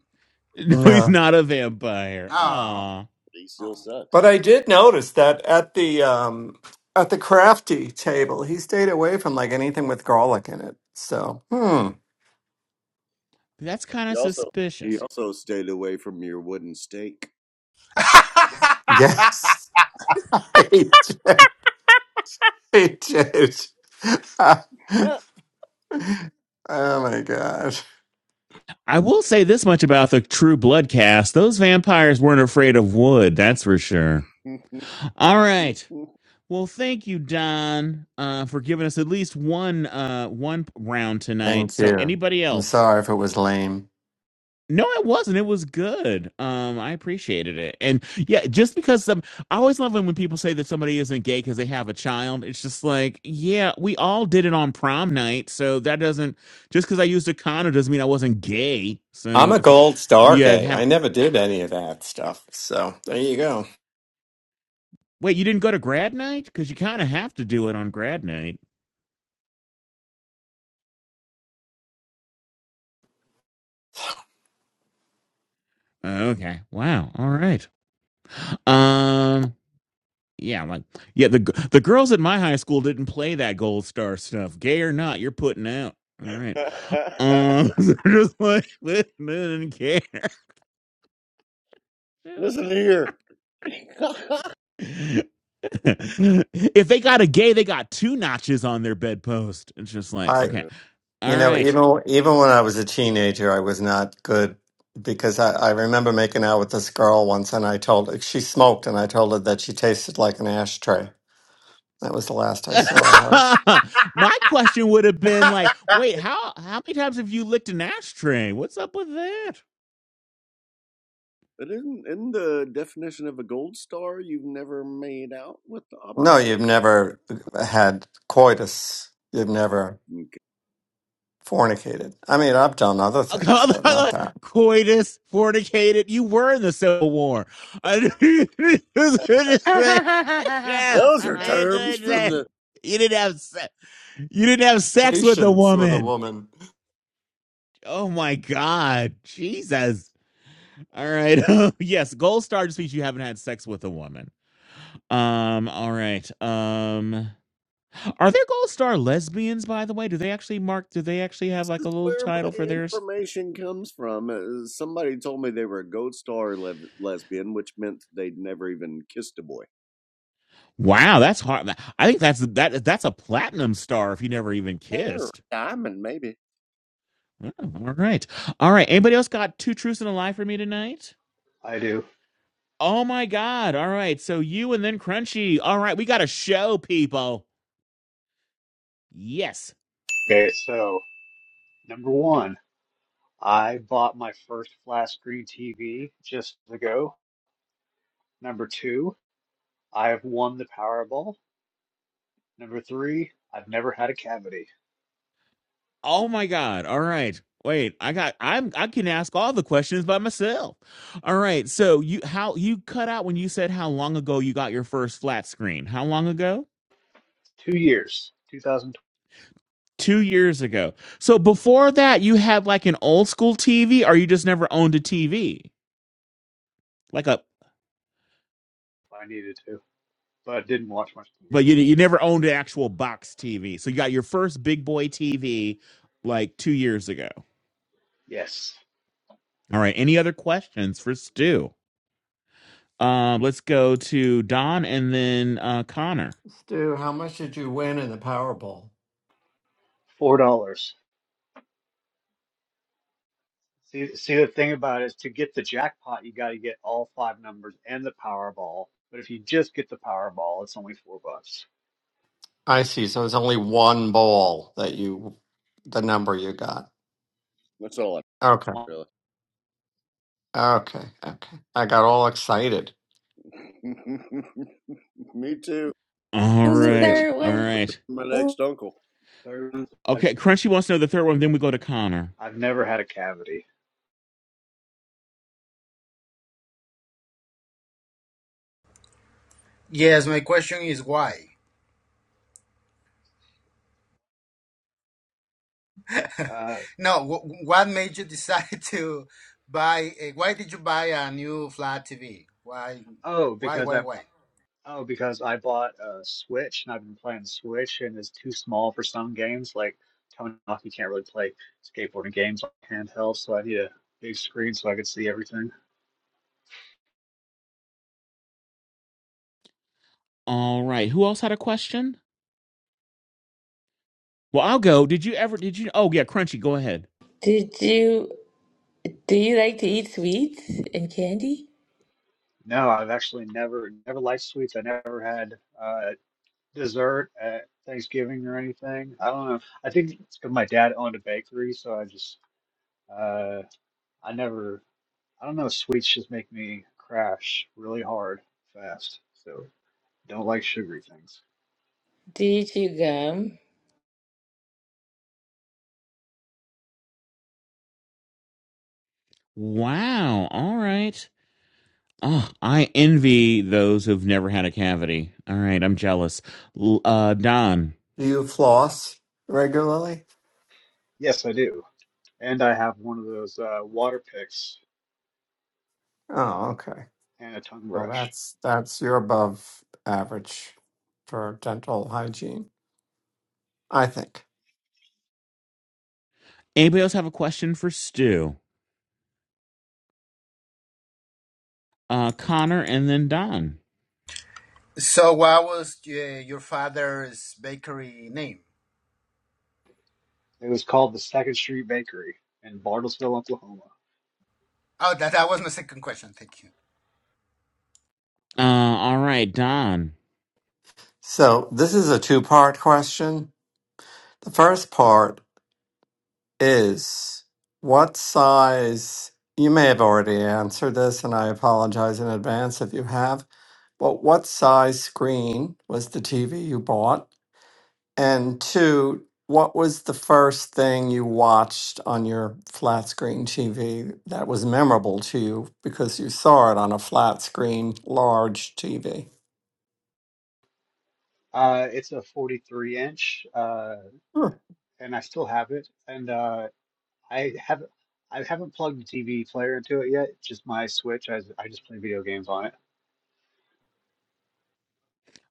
No, he's
Yeah.
not a vampire.
Oh,
Aw.
He still
oh.
But
sucks.
I did notice that at the, um, at the crafty table, he stayed away from like anything with garlic in it. So, hmm.
That's kind
He
of
also he
suspicious.
also stayed away from your wooden stake.
Yes. I did. I did. oh my God.
I will say this much about the True Blood cast. Those vampires weren't afraid of wood, that's for sure. All right. Well, thank you, Don, uh, for giving us at least one uh, one round tonight.
Thank
So,
you.
anybody
I'm
else?
sorry if it was lame.
No, it wasn't. It was good. Um, I appreciated it, and yeah, just because um, I always love when when people say that somebody isn't gay because they have a child. It's just like, yeah, we all did it on prom night, so that doesn't just because I used a condom doesn't mean I wasn't gay.
I'm
So
a
if you,
gold star
yeah,
gay.
have
I never did any of that stuff. So there you go.
wait, you didn't go to grad night because you kind of have to do it on grad night. Okay, wow, all right. Um, yeah, I'm like, yeah, the g- the girls at my high school didn't play that gold star stuff. Gay or not, you're putting out. All right. Um, they're just like "We didn't care.
Listen here.
if they got a gay, they got two notches on their bedpost. It's just like,
I,
Uh,
okay, all
you know,
right.
even even when I was a teenager, I was not good because I, I remember making out with this girl once, and I told her she smoked, and I told her that she tasted like an ashtray. That was the last I saw her.
My question would have been like, wait, how how many times have you licked an ashtray? What's up with that?
But isn't in the definition of a gold star, you've never made out with the
No, you've
opposite?
never had coitus. You've never
Okay.
fornicated. I mean, I've done other things, but not that.
coitus, fornicated. You were in the Civil War. Yeah,
Those are
you
terms from
didn't
the
you didn't have se- you didn't have sex with a
Patience with a
woman.
woman.
Oh my God, Jesus! All right, yes, gold star just means you haven't had sex with a woman. Um, all right. Um, are there gold star lesbians? By the way, do they actually mark? Do they actually have like a little
where my
title for their?
information comes from. Uh, somebody told me they were a gold star le- lesbian, which meant they'd never even kissed a boy.
Wow, that's hard. I think that's that that's a platinum star if you never even
They're
kissed.
diamond, maybe.
Oh, all right. All right. Anybody else got two truths and a lie for me tonight?
I do.
Oh my god. All right. So you and then Crunchy. All right, we got a show, people. Yes.
Okay, so number one, I bought my first flat screen TV just ago. Number two, I have won the Powerball. Number three, I've never had a cavity.
Oh my god. All right. Wait, I got I'm I can ask all the questions by myself. All right. So you how you cut out when you said how long ago you got your first flat screen. How long ago?
Two years,
Two years ago. So before that, you had like an old school TV, or you just never owned a TV, like a
I needed to, but I didn't watch much
but
TV.
you you never owned an actual box TV. So you got your first big boy TV like two years ago.
Yes,
All right. Any other questions for Stu? Um, let's go to Don and then uh, Connor.
Stu, how much did you win in the Powerball?
four dollars. See, see, the thing about it is to get the jackpot, you got to get all five numbers and the Powerball. But if you just get the Powerball, it's only four bucks.
I see. So it's only one bowl that you, the number you got.
That's all I
Okay.
One
really.
Okay. Okay. I got all excited.
me too.
All
What was the
I was thinking I
right.
third
All
was
one?
looking
right.
for my
Oh,
next uncle.
third, I've,
Okay. Crunchy wants to know the third one. Then we go to Connor.
I've never had a cavity.
Yes. My question is why?
Uh,
No. W- what made you decide to buy? Uh, why did you buy a new flat TV? Why?
oh,
Why?
because
Why?
I
Why?
oh because I bought a Switch and I've been playing Switch and it's too small for some games. Like Tony Hawk, you can't really play skateboarding games on handheld, so I need a big screen so I could see everything.
All right. Who else had a question? Well, I'll go. Did you ever? Did you? Oh yeah, Crunchy. Go ahead.
Did you do you like to eat sweets and candy?
No, I've actually never never liked sweets. I never had uh, dessert at Thanksgiving or anything. I don't know. I think it's 'cause my dad owned a bakery, so I just uh, I never. I don't know. Sweets just make me crash really hard fast. So don't like sugary things.
Do you chew gum?
Wow. All right. Oh, I envy those who've never had a cavity. All right, I'm jealous. L- Uh, Don.
Do you floss regularly?
Yes, I do. And I have one of those uh, water picks
Oh, okay.
and a tongue
Well,
brush.
that's that's you're above average for dental hygiene, I think.
Anybody else have a question for Stu? Uh, Connor and then Don.
So what was uh, your father's bakery name?
It was called the Second Street Bakery in Bartlesville, Oklahoma.
Oh, that, that was my second question. Thank you.
Uh, all right, Don.
So this is a two-part question. The first part. is what size you may have already answered this and i apologize in advance if you have but what size screen was the tv you bought and two what was the first thing you watched on your flat screen tv that was memorable to you because you saw it on a flat screen large tv
Uh, it's a 43 inch. Uh,
Sure.
and I still have it. And uh, I have I haven't plugged the TV player into it yet. It's Just my Switch. I I just play video games on it.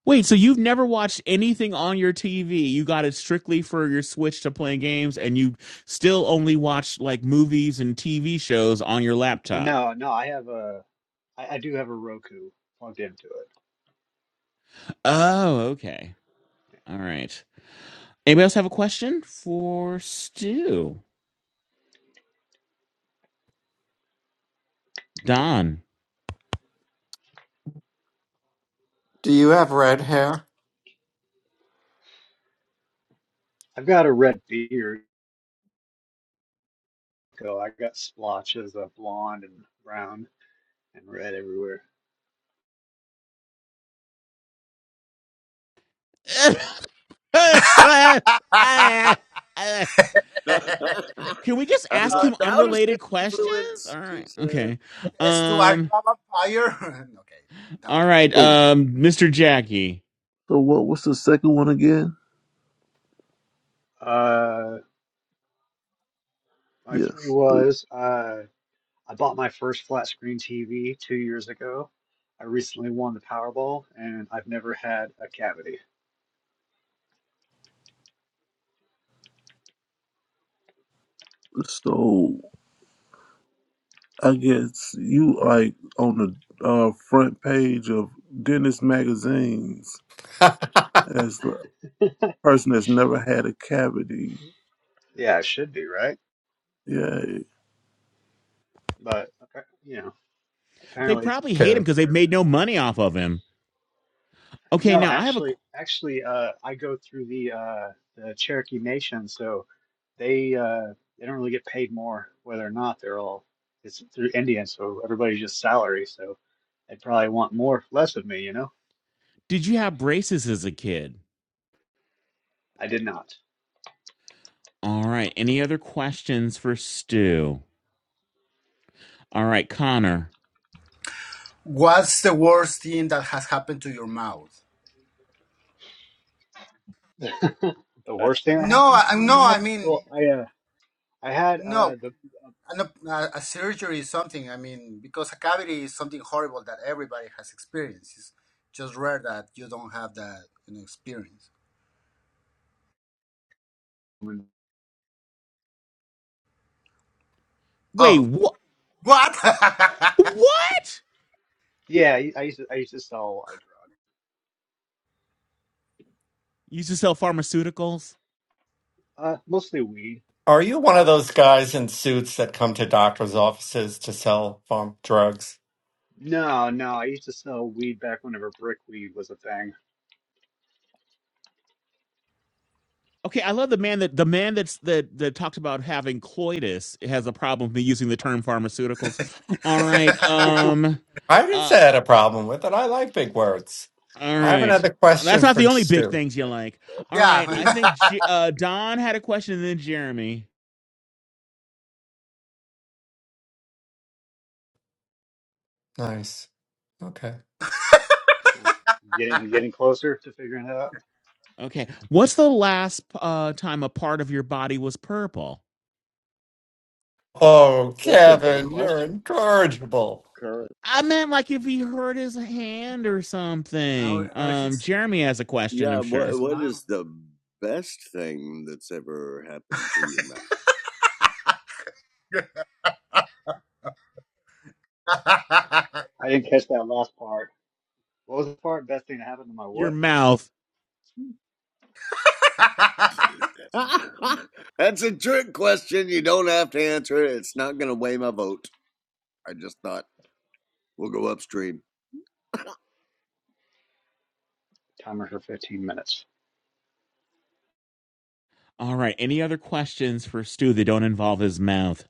Wait, so you've never watched anything on your TV? You got it strictly for your Switch to play games, and you still only watch like movies and TV shows on your
Oh
laptop.
no, no, I have a I, I do have a Roku plugged into it.
Oh, okay. All right. Anybody else have a question for Stu? Don.
do you have red hair
I've got a red beard. So I got splotches of blonde and brown and red everywhere.
I
Can we just
was
ask
like,
him
no,
how does this
unrelated questions?
influence?
All
She
right.
said,
Okay.
As to are you
Um
a vampire? okay, that
all
was
right,
really.
So,
um Mr. Jackie.
so what? What's the second one again?
Uh, my three
Yes, please.
was uh, I bought my first flat screen TV two years ago. I recently won the Powerball, and I've never had a cavity.
So, I guess you like on the uh, front page of Dennis magazines as the person that's never had a cavity.
Yeah, it should be right.
Yeah.
but appa- you know,
They
apparently it's
probably
not
hate
Okay.
him cuz they've
terribly
made no
uncommon.
money off of him. Okay,
No,
now I have a
actually, actually, uh, I go through the uh, the Cherokee Nation, so they uh, they don't really get paid more whether or not they're all it's through Indian, so everybody's just salary, so they'd probably want more less of me, you know.
Did you have braces as a kid?
I did not.
All right. Any other questions for Stu? All right, Connor.
What's the worst thing that has happened to your mouth?
The worst thing that
No,
happened to
I,
my
no, I
mouth,
mean,
well, I uh, I had
no.
uh, the
An, a, a surgery is something, I mean, because a cavity is something horrible that everybody has experienced. It's just rare that you don't have that you know, experience.
Wait,
Oh,
what?
what?
What?
yeah, I I used to, I used to sell a lot of
Used to sell pharmaceuticals?
drugs, uh, mostly weed
Are you one of those guys in suits that come to doctors' offices to sell pharm drugs?
No, no, I used to sell weed back whenever brick weed was a thing.
Okay, I love the man that the man that's that that talked about having coitus has a problem with me using the term pharmaceuticals. All right, um,
I didn't
uh,
say I had a problem with it. I like big words.
all
I have
right,
another
that's
question
not the
for
only big
Stu.
things you like. All right,
yeah.
I think J- uh, Don had a question, and then Jeremy.
Nice. Okay.
Yeah. Getting getting closer to figuring it out.
Okay, what's the last uh time a part of your body was purple?
Oh,
That's a good
Kevin, you're
question.
incorrigible.
current.
I meant like if he hurt his hand or something.
or, or
Um,
his,
Jeremy has a question,
Yeah,
I'm sure.
what
his
what
mouth.
is the best thing that's ever happened to your
I didn't catch that last part. What was the part? Best thing to happen to my
Your
what?
mouth.
mouth? that's a trick question. You don't have to answer it. It's not going to weigh my vote. I just thought we'll go upstream.
Timer for 15 minutes.
All right. Any other questions for Stu that don't involve his mouth?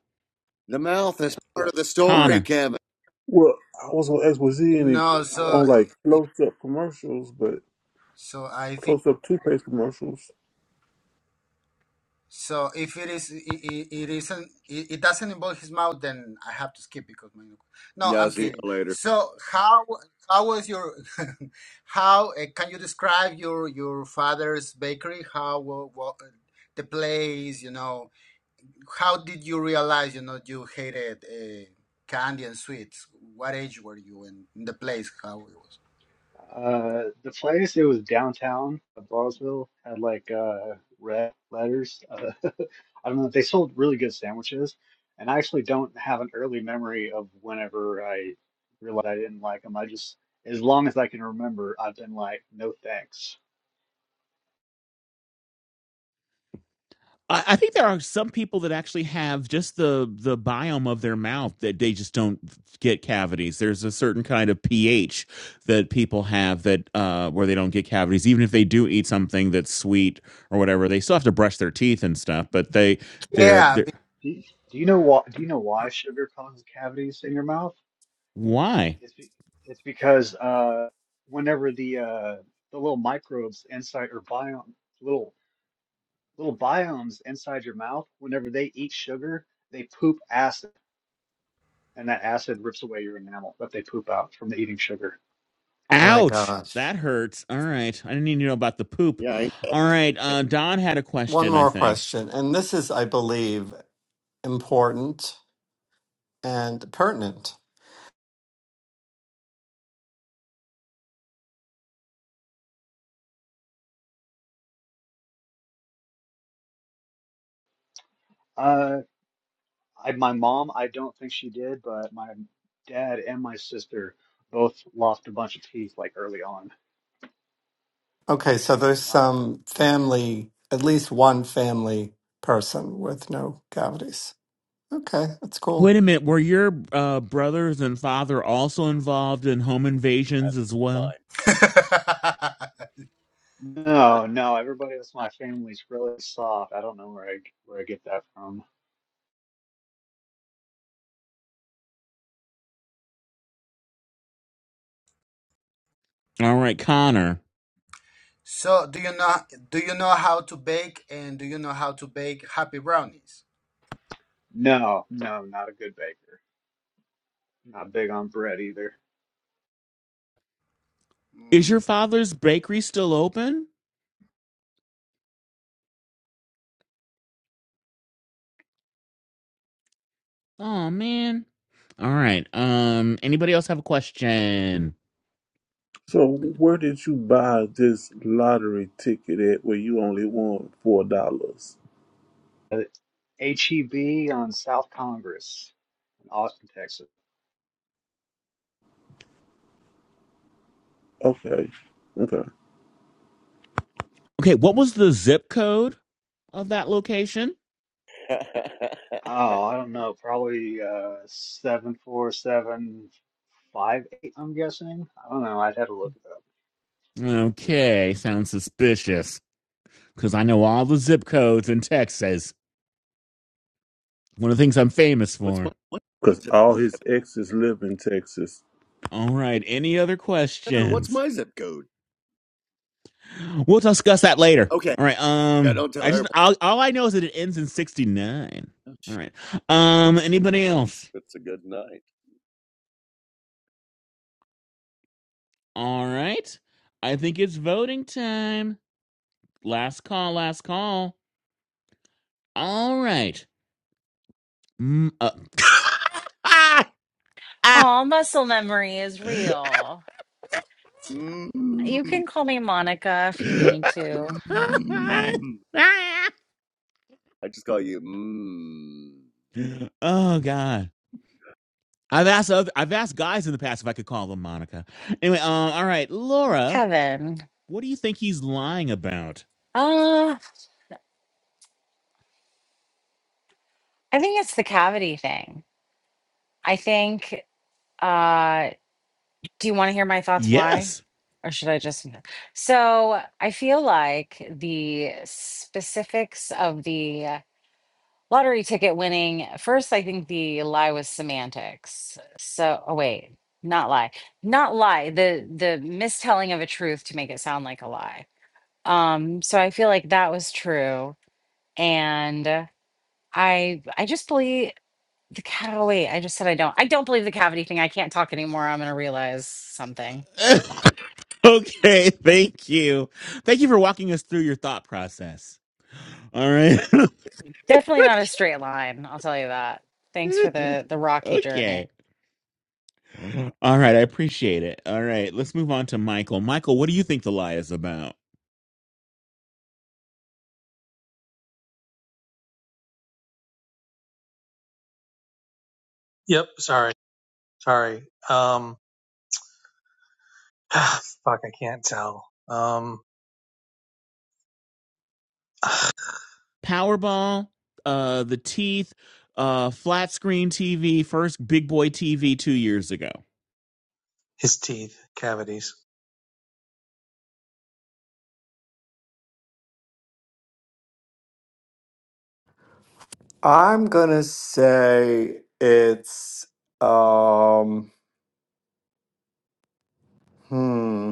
The mouth is part of the story,
Connor.
Kevin.
Well, I was on X was Z and it-
no, so
on like close up commercials, but
so I think.
close up toothpaste commercials.
So if it is, it, it, it isn't, it, it doesn't involve his mouth, then I have to skip because my. No,
Yeah, I'll
I'm
see you
kidding.
later.
So how how was your how uh, can you describe your your father's bakery? How wa- wa- the place, you know, how did you realize, you know, you hated uh, candy and sweets? What age were you in, in the place? How it was?
Uh, the place it was downtown of Ballsville had like uh red letters. Uh, I don't know. They sold really good sandwiches, and I actually don't have an early memory of whenever I realized I didn't like them. I just, as long as I can remember, I've been like, no thanks.
I, I think there are some people that actually have just the the biome of their mouth that they just don't get cavities. There's a certain kind of pH that people have that uh, where they don't get cavities, even if they do eat something that's sweet or whatever. They still have to brush their teeth and stuff, but they
Hmm.
they're
Yeah.
they're
Do you, do you know why? Do you know why sugar causes cavities in your mouth?
why?
It's be, it's because uh, whenever the uh the little microbes inside or biome little little biomes inside your mouth, whenever they eat sugar, they poop acid, and that acid rips away your enamel that they poop out from the eating sugar.
Oh my
Ouch.
gosh.
That hurts. All right. I didn't need to know about the poop.
Yeah, I ain't
All right. Uh, Don had a
One
question, I
more
think.
question, and this is, I believe, important and pertinent.
Uh, I, my mom, I don't think she did, but my dad and my sister both lost a bunch of teeth like early on.
Okay, so there's
But not-
some family, at least one family person with no cavities. Okay, that's cool.
Wait a minute. Were your uh, brothers and father also involved in home invasions as well?
be-
mine.
No, no, everybody that's my family's really soft. I don't know where I where I get that from.
All right, Connor.
So, do you know do you know how to bake and do you know how to bake happy brownies?
No, no, not a good baker. Not big on bread either.
Is your
Mm.
father's bakery still open? Oh man. All right. Um. Anybody else have a question?
So where did you buy this lottery ticket at where you only won four dollars?
Uh, HEB on South Congress in Austin, Texas.
Okay. Okay.
Okay. What was the zip code of that location?
Oh, I don't know, probably uh seven four seven five eight. I'm guessing. I don't know. I'd have to look it up.
Okay. Sounds suspicious. Because I know all the zip codes in Texas. One of the things I'm famous
what's my
for.
what
Cause
zip
all
code,
his
Kevin?
exes live in Texas.
All right. Any other
what's
questions?
my zip code?
We'll discuss that later.
Okay,
All right.
yeah,
Um,
don't tell
I just
everybody.
all, all I know is that it ends in sixty nine.
Oh, sh-
All right. Um, anybody else?
It's a good night.
All right. I think it's voting time. Last call. Last call. All right. Mm, uh.
Oh, muscle memory is real.
mm
You can call me Monica if you need to.
mm. I just call you. Mm.
oh God. I've asked other, I've asked guys in the past if I could call them Monica. Anyway, um, all right, Laura,
Kevin.
what do you think he's lying about?
Uh, I think it's the cavity thing. I think uh Do you want to hear my thoughts
Yes.
why? Or should I just? So I feel like the specifics of the lottery ticket winning, first, I think the lie was semantics. So, oh, wait, not lie, not lie, the, the mistelling of a truth to make it sound like a lie. Um, so I feel like that was true. And uh, I, I just believe the cow. Wait, I just said I don't, I don't believe the cavity thing. I can't talk anymore. I'm going to realize something.
okay, thank you. Thank you for walking us through your thought process. All right.
Definitely not a straight line, I'll tell you that. Thanks for the the rocky journey.
okay. All right, I appreciate it. All right, let's move on to Michael. Michael, what do you think the lie is about?
Yep, sorry. Sorry. Um, ah, fuck, I can't tell. Um, ah,
Powerball, uh the teeth, uh flat screen TV, first big boy TV 2 years ago.
his teeth cavities.
I'm gonna say it's um hmm.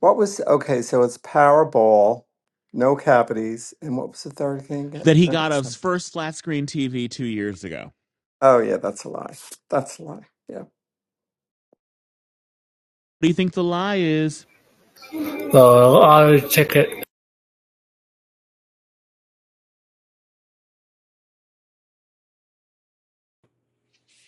What was okay, so it's Powerball, no cavities, and what was the third thing? again?
That he
I
got
forgot
a
some-
first flat screen TV 2 years ago. What
Oh yeah, that's a lie. That's a lie. Yeah.
do you think the lie is?
the check it.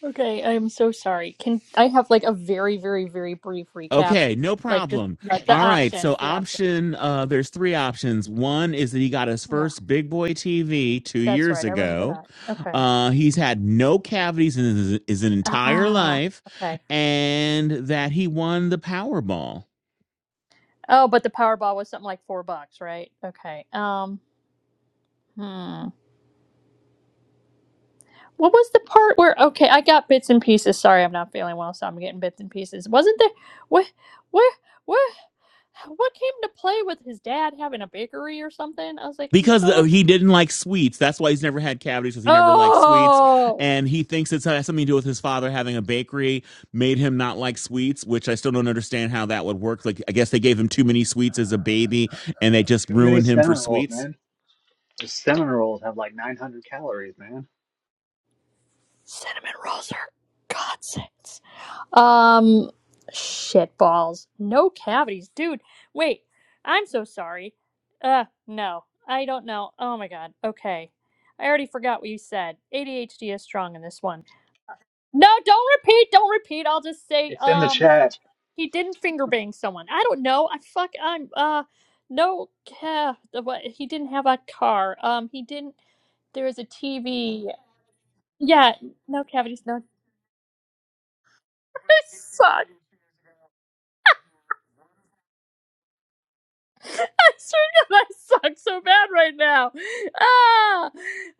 Okay, I'm so sorry. Can I have like a very, very, very brief recap?
Okay, no
Like just
problem.
uh, the
All right. So
options, the options.
option uh there's three options. One is that he got his
Yeah,
first big boy TV 2
that's
years
right. I remember
ago.
that. Okay.
Uh he's had no cavities in his, his entire
Ah,
life
okay.
and that he won the Powerball.
Oh, but the Powerball was something like four bucks, right? Okay. Um, hmm. What was the part where? Okay, I got bits and pieces. Sorry, I'm not feeling well, so I'm getting bits and pieces. Wasn't there? What? What? What? What came to play with his dad having a bakery or something? I was like, I'm
because
so.
he didn't like sweets. That's why he's never had cavities because he never liked sweets,
Oh.
and he thinks it's has something to do with his father having a bakery made him not like sweets, which I still don't understand how that would work. Like I guess they gave him too many sweets as a baby, and they just
Too many
ruined him for
cinnamon rolls,
sweets.
man. The cinnamon rolls have like 900 calories, man.
Cinnamon rolls are godsends. Um, shit balls. No cavities, dude. Wait, I'm so sorry. Uh, no, I don't know. Oh my god. Okay, I already forgot what you said. ADHD is strong in this one. No, don't repeat. Don't repeat. I'll just say,
It's in the
um,
chat.
he didn't finger bang someone. I don't know. I fuck. I'm uh, no. ca- the what? He didn't have a car. Um, he didn't. There was a TV. Yeah, no cavities, no I suck. I swear to God, I suck so bad right now. Ah,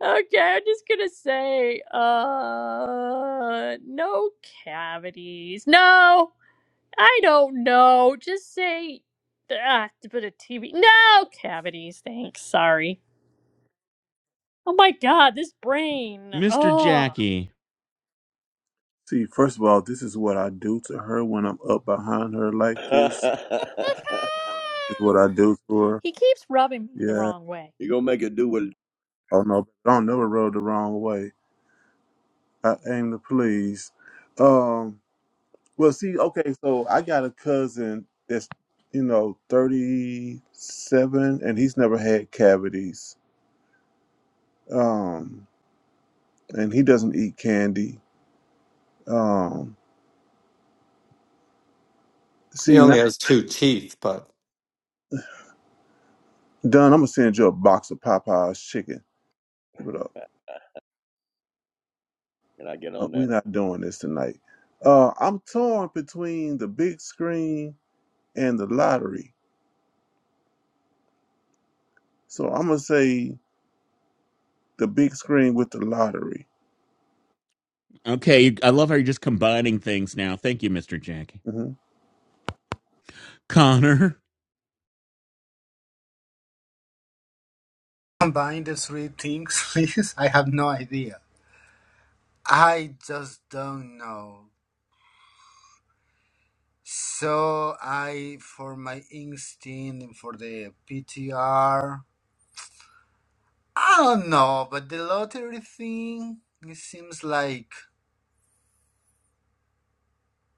okay. I'm just gonna say, uh, no cavities. No, I don't know. Just say, ah, a bit of TV. No cavities. Thanks. Sorry. Oh my God, this brain.
Mr.
Oh.
Jackie,
See, first of all, this is what I do to her when I'm up behind her like this. This is what I do to her.
He keeps rubbing me the
Yeah.
wrong way.
You're gonna make it do what?
Oh no, don't never rode the wrong way. I aim to please. Um. Well, see, okay, so I got a cousin that's, you know, 37 and he's never had cavities. Um, and he doesn't eat candy. Um, see,
He only
now,
has two teeth, but
Don, I'm gonna send you a box of Popeye's chicken. Give it up.
Can I get
Uh,
on that?
We're not doing this tonight. Uh, I'm torn between the big screen and the lottery. So I'm gonna say the big screen with the lottery.
okay, I love how you're just combining things now. Thank you, Mr. Jackie.
hmm
Connor.
Combine the three things, please. I have no idea. I just don't know. So I, for my instinct and for the PTR, I don't know. But the lottery thing, it seems like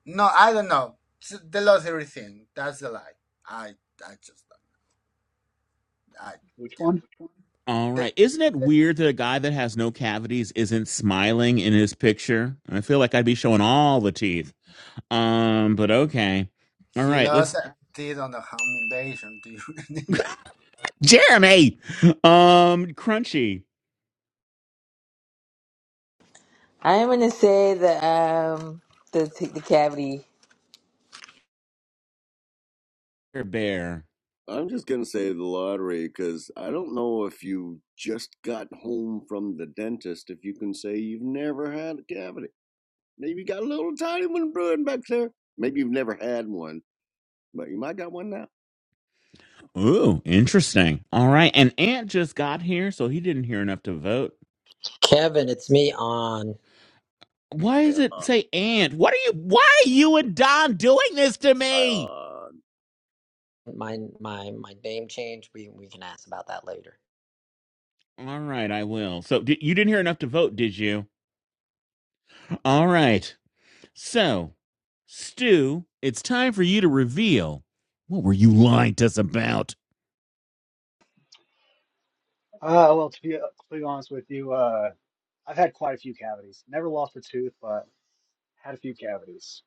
no, I don't know. It's The lottery thing, that's the lie. I, I just, don't. I,
Which one?
yeah.
All
The
right. Isn't it weird that a guy that has no cavities isn't smiling in his picture? I feel like I'd be showing all the teeth. Um, but okay. All
He
right,
lost
let's
a teeth on the home invasion to Ukraine.
Jeremy. Um, Crunchy
I'm gonna say the um the the cavity.
Bear. Bear.
I'm just gonna say the lottery because I don't know if you just got home from the dentist. If you can say you've never had a cavity, maybe you got a little tiny one brewing back there. Maybe you've never had one, but you might got one now.
Ooh, interesting. All right, and Ant just got here, so he didn't hear enough to vote.
Kevin, it's me on
Why
Hey,
does it
uh,
say Ant? What are you? Why are you and Don doing this to
I,
me?
uh,
my my my name change. We we can ask about that later.
All right, I will. So di- you didn't hear enough to vote, did you? All right. So, Stu, it's time for you to reveal. What were you lying to us about?
Uh, well, to be, uh, to be honest with you, uh, I've had quite a few cavities. Never lost a tooth, but had a few cavities.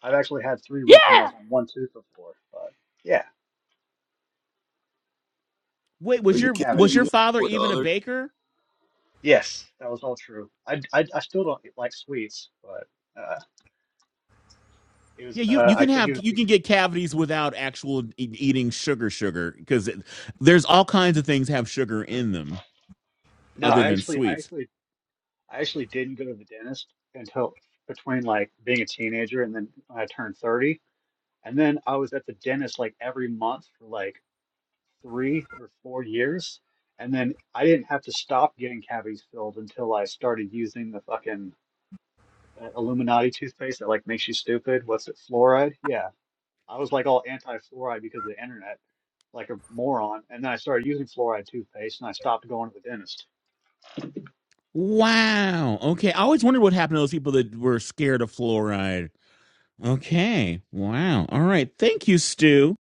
I've actually had three root canals
Yeah.
on one tooth before, but yeah,
Wait,
it
Are
was
was
you
your
a
kidding me?
cavity.
was
You
your
want
father
four
even a
dollars?
baker?
Yes, that was all true. I, I, I still don't like sweets, but uh, it was
Yeah, you
uh,
you
I
can
think
have
it was
you
be
can get cavities without actual e- eating sugar sugar because there's all kinds of things have sugar in them
no,
other
I
than
actually I
sweets.
actually I actually didn't go to the dentist until between like being a teenager and then when I turned 30. And then I was at the dentist like every month for like three or four years. And then I didn't have to stop getting cavities filled until I started using the fucking uh, Illuminati toothpaste that like makes you stupid. What's it, fluoride? Yeah. I was like all anti-fluoride because of the internet. like a moron. And then I started using fluoride toothpaste, and I stopped going to the dentist.
Wow. Okay. I always wondered what happened to those people that were scared of fluoride. Okay. Wow. All right. Thank you, Stu.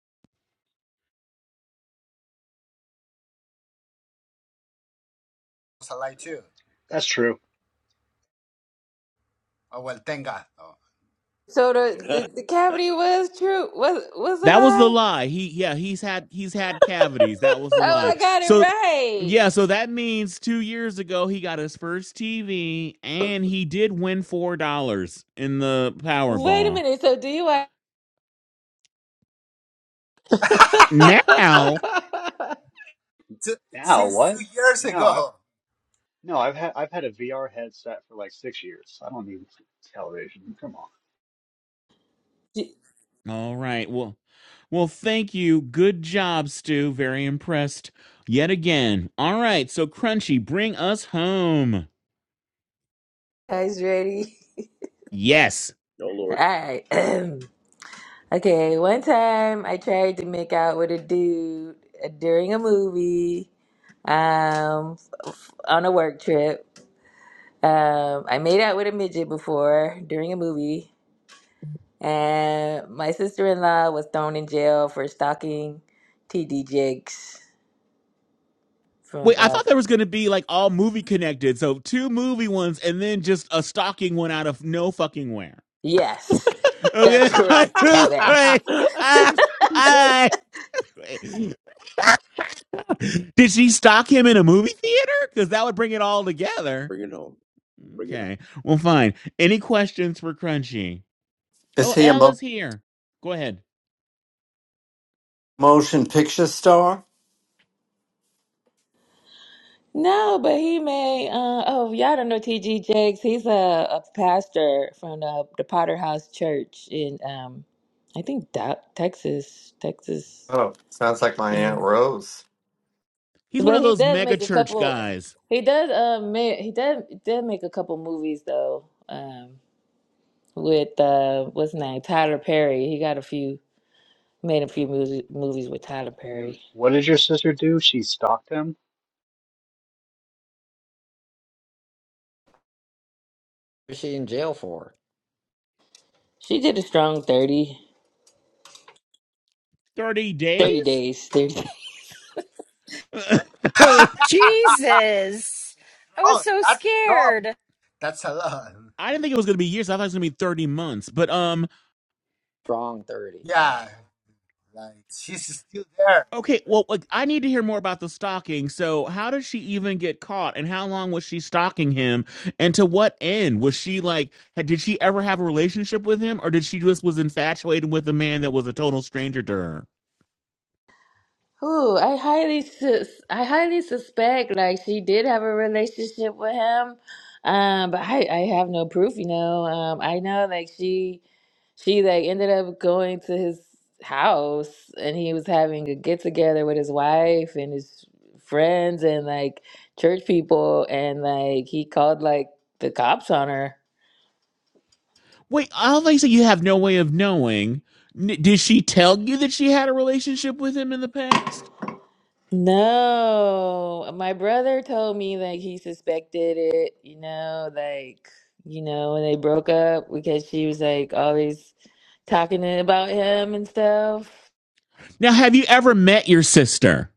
It's a lie too.
That's true.
Oh well, thank God. Oh.
So the, the
no,
the cavity was true. Was was a
That was the
lie?
lie. He yeah, he's had he's had cavities. That was the
Oh,
lie.
I got it
So
right.
yeah, so that means 2 years ago he got his first TV and he did win $4 in the
Wait a
Powerball.
minute. So do you
now
Two,
Now
since
what?
two years
No, I've
ago.
no, I've had I've had a VR headset for like six years. I don't need television. Come on.
you
all right well well thank you good job stu very impressed yet again all right so crunchy bring us home
guys ready?
yes
All
Lord.
right. okay. One time I tried to make out with a dude uh, during a movie. Um, on a work trip. Um, I made out with a midget before during a movie, and my sister in law was thrown in jail for stalking TD Jakes
wait
from.
i
uh,
thought there was going to be like all movie connected so two movie ones and then just a stocking one out of no fucking where
Yes, that's
okay
correct, Kevin.
Fuck
I,
it's DJ.
I, did she stock him in a movie theater because that would bring it all together
Bring it home. Bring it home.
Okay. Well, fine. Any questions for Crunchy?
is
Oh,
he a
Al
mo-
is here. Go ahead.
motion picture star?
No, but he may. Uh, oh, y'all don't know T.G. Jakes. He's a, a pastor from the, the Potter House Church in, um, I think, Da- Texas. Texas.
Oh, sounds like my Aunt
Um,
Rose.
He's one
but
of
he
those
does
mega
make a
church
couple.
guys.
He does. Um, ma- he does. Did make a couple movies though. Um, with uh, what's his name? Tyler Perry. He got a few. Made a few movies movies with Tyler
And
Perry.
what did your sister do? She stalked him.
What's she in jail for?
She did a strong 30,
30
30
days?
days. thirty.
I didn't
Jesus. I was
Oh,
so
that's strong.
scared.
That's a lot. Yeah,
think it was going to be years. I thought it was going to be 30 months. But, um,
Strong thirty, you know.
yeah like she's still there.
okay. Well, like, I need to hear more about the stalking. So, how did she even get caught? And how long was she stalking him? And to what end? Was she like, had- did she ever have a relationship with him? Or did she just was infatuated with a man that was a total stranger to her?
Who I highly sus I highly suspect like she did have a relationship with him, um, but I I have no proof. You know, um, I know like she she like ended up going to his house and he was having a get together with his wife and his friends and like church people and like he called like the cops on her.
Wait, obviously you have no way of knowing. N- did she tell you that she had a relationship with him in the past?
No, uh, my brother told me like he suspected it, you know, like, you know, when they broke up because she was like always talking to- about him and stuff.
Now, have you ever met your sister?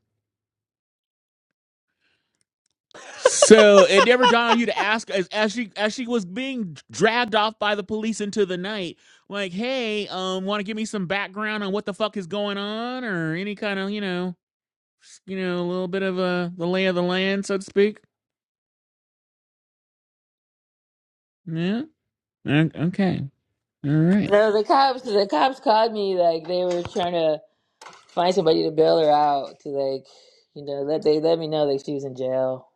So it never dawned on you to ask as, as she as she was being dragged off by the police into the night, like, hey, um, want to give me some background on what the fuck is going on, or any kind of you know? you know, a little bit of a the lay of the land, so to speak. Yeah. Okay. All right.
No, the cops, the cops called me like they were trying to find somebody to bail her out to like, you know, let they let me know that she was in jail.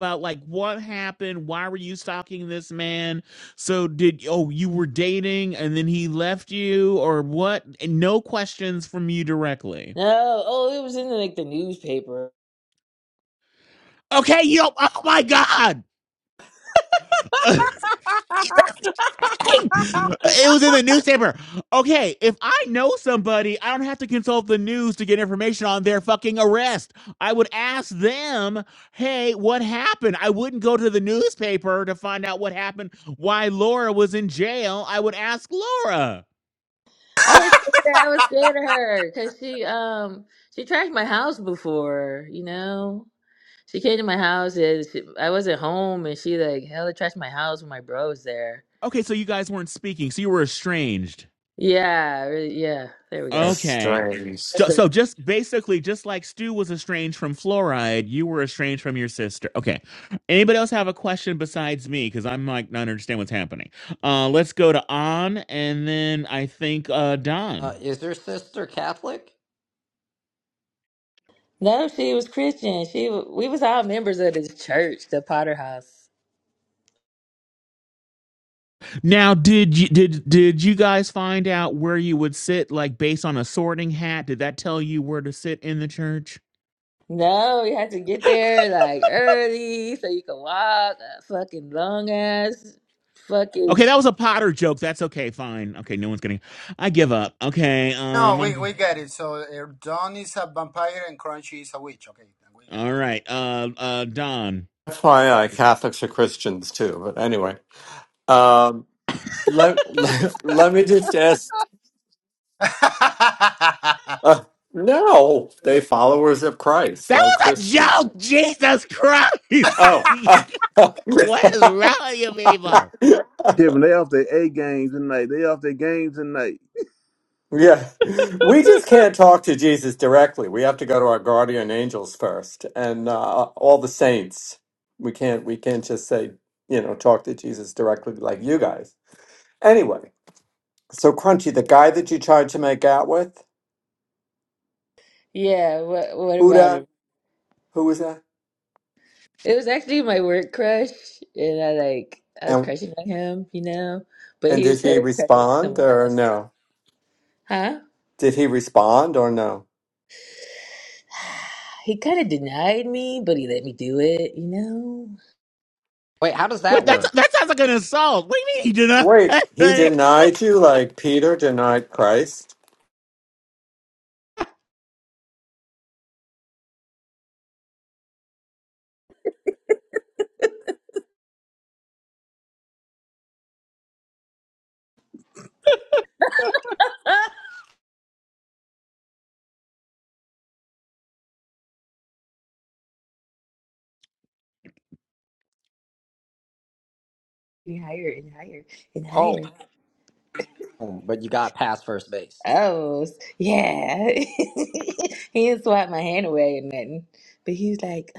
About like what happened? Why were you stalking this man? So did oh you were dating and then he left you or what? And no questions from you directly.
No, oh, it was in like the newspaper.
Okay. Yo. Oh my god. uh, Jesus Christ. It was in the newspaper. Okay, if I know somebody, I don't have to consult the news to get information on their fucking arrest. I would ask them, hey, what happened? I wouldn't go to the newspaper to find out what happened, why Laura was in jail. I would ask Laura.
I was scared. I was scared of her because she um she trashed my house before, you know. She came to my house and she, I wasn't home, and she like hella trashed my house when my bro was there.
Okay, so you guys weren't speaking, so you were estranged.
Yeah, really, yeah. There we go.
Okay.
That's
Estranged.
So,
the-
so just basically, just like Stu was estranged from fluoride, you were estranged from your sister. Okay. Anybody else have a question besides me? Because I'm like not understand what's happening. Uh, let's go to on, and then I think uh, Don.
Uh, is her sister Catholic?
No, she was Christian. She w- we was all members of this church, the Potter House.
Now, did you did did you guys find out where you would sit, like based on a sorting hat? Did that tell you where to sit in the church?
No, you had to get there like early so you could walk. That fucking long ass,
Okay,
fucking
that was a Potter joke. That's okay. Fine. Okay, no one's getting. I give up. Okay.
No,
Um,
we, we
I'm.
get it. So Erdogan is a vampire and Crunchy is a witch. Okay, we get
All right. Uh, uh, Don.
FYI, Catholics are Christians too, but anyway. Um let, let me just ask
it.
Uh, no, they
Yeah.
followers of Christ,
That
like
was a
Christians.
joke. Jesus
Oh,
Christ.
uh,
what is wrong with you people?
Kevin, they off their A game tonight. They off their game tonight.
yeah. We just can't talk to Jesus directly. We have to go to our guardian angels first, and uh, all the saints. We can't. We can't just say, you know, talk to Jesus directly like you guys. Anyway, so Crunchy, the guy that you tried to make out with,
yeah. What what about him?
Buddha, who was that?
It was actually my work crush, and I like I was
And
crushing on him, you know, but
and
he
did
was
he
totally crushing on
respond
someone
or
else,
no?
huh?
Did he respond or no?
He kind of denied me, but he let me do it, you know?
Wait, how does that
What that's
work?
that sounds like an assault. What do you mean you do not?
Wait, he denied you
What?
like Peter denied Christ?
And higher and higher and
Oh,
higher.
but you got past first base.
Oh, s- yeah. he didn't swipe my hand away and nothing. But he was like,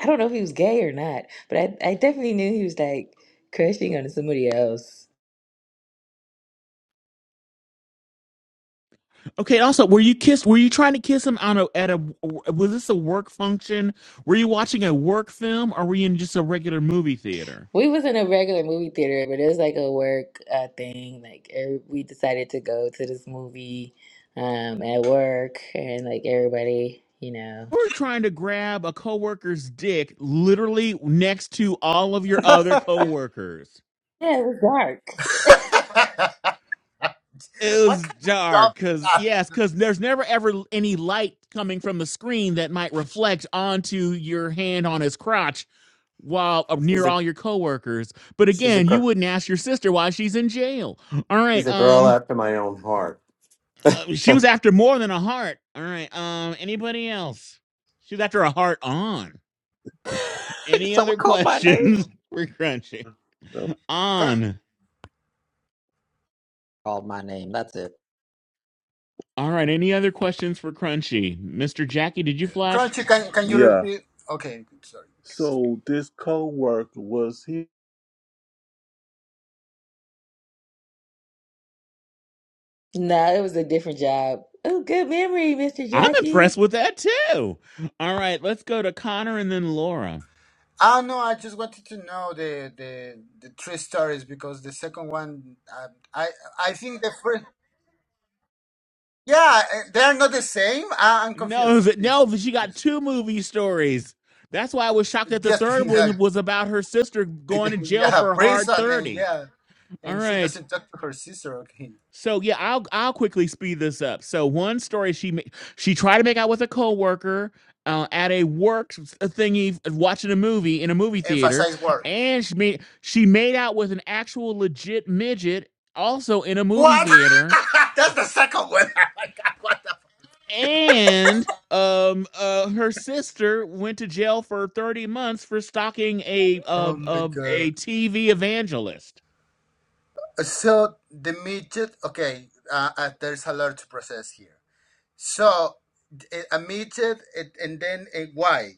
I don't know if he was gay or not, but I, I definitely knew he was like crushing on somebody else.
Okay. Also, were you kissed? Were you trying to kiss him on a at a? Was this a work function? Were you watching a work film, or were you in just a regular movie theater?
We was in a regular movie theater, but it was like a work uh, thing. Like every, we decided to go to this movie um, at work, and like everybody, you know,
You were trying to grab a coworker's dick, literally next to all of your other coworkers.
yeah, it was dark.
It
what
was
kind of job
dark
is
because
that?
yes, because there's never ever any light coming from the screen that might reflect onto your hand on his crotch while uh,
She's
near
a
all your coworkers. But
she's a
again, you
girl.
wouldn't ask your sister why she's in jail. All right,
She's a girl
um,
after my own heart.
uh, she was after more than a heart. All right, um, anybody else? She was after a heart on. Any
Someone
other
called my name.
Yeah.
questions for Crunchy?
Cr-
On.
Called my name. That's it.
All right, any other questions for Crunchy? Mr. Jackie, did you flash?
Crunchy, can can you
Yeah.
repeat? Okay, sorry.
So this co-worker was he?
No, it was a different job. Oh, good memory, Mr.
I'm impressed
Jackie.
with that too. All right, let's go to Connor and then Laura.
Ah no, I just wanted to know the the the three stories because the second one, uh, I I think the first, yeah, eh, they are not the same. I, I'm confused.
No,
So
th-
please,
no, but she got
please,
two movie stories. That's why I was shocked that the
yes,
third
please, uh,
one was about her sister going to jail
yeah,
for a hard
prison and
thirty.
yeah,
All
and she
right,
doesn't talk to her sister. Okay,
so yeah, I'll I'll quickly speed this up. So one story she ma- she tried to make out with a coworker uh, at a work s- thingy, uh, watching a movie in a movie theater,
emphasize word.
and she made she made out with an actual legit midget also in a movie
What?
theater
That's the second one. What the?
and um uh her sister went to jail for 30 months for stalking a
Fuck?
uh,
Oh my
uh,
god.
a TV evangelist.
So the midget. Okay, uh, uh, there's a lot to process here. So it admitted it, and then it, why?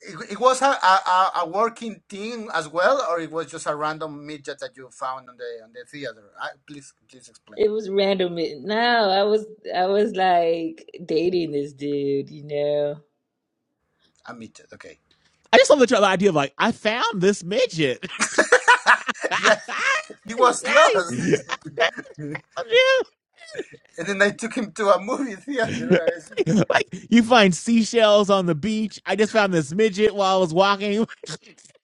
It, it was a, a, a working team as well, or it was just a random midget that you found on the on the theater. I, please please explain.
It was random. It- No, I was I was like dating this dude, you know.
A Admitted, okay.
I just love the idea of like I found this midget. I
Yeah, he was
found
lost, and
you.
then I took him to a movie theater. I said,
like you find seashells on the beach. I just found this midget while I was walking.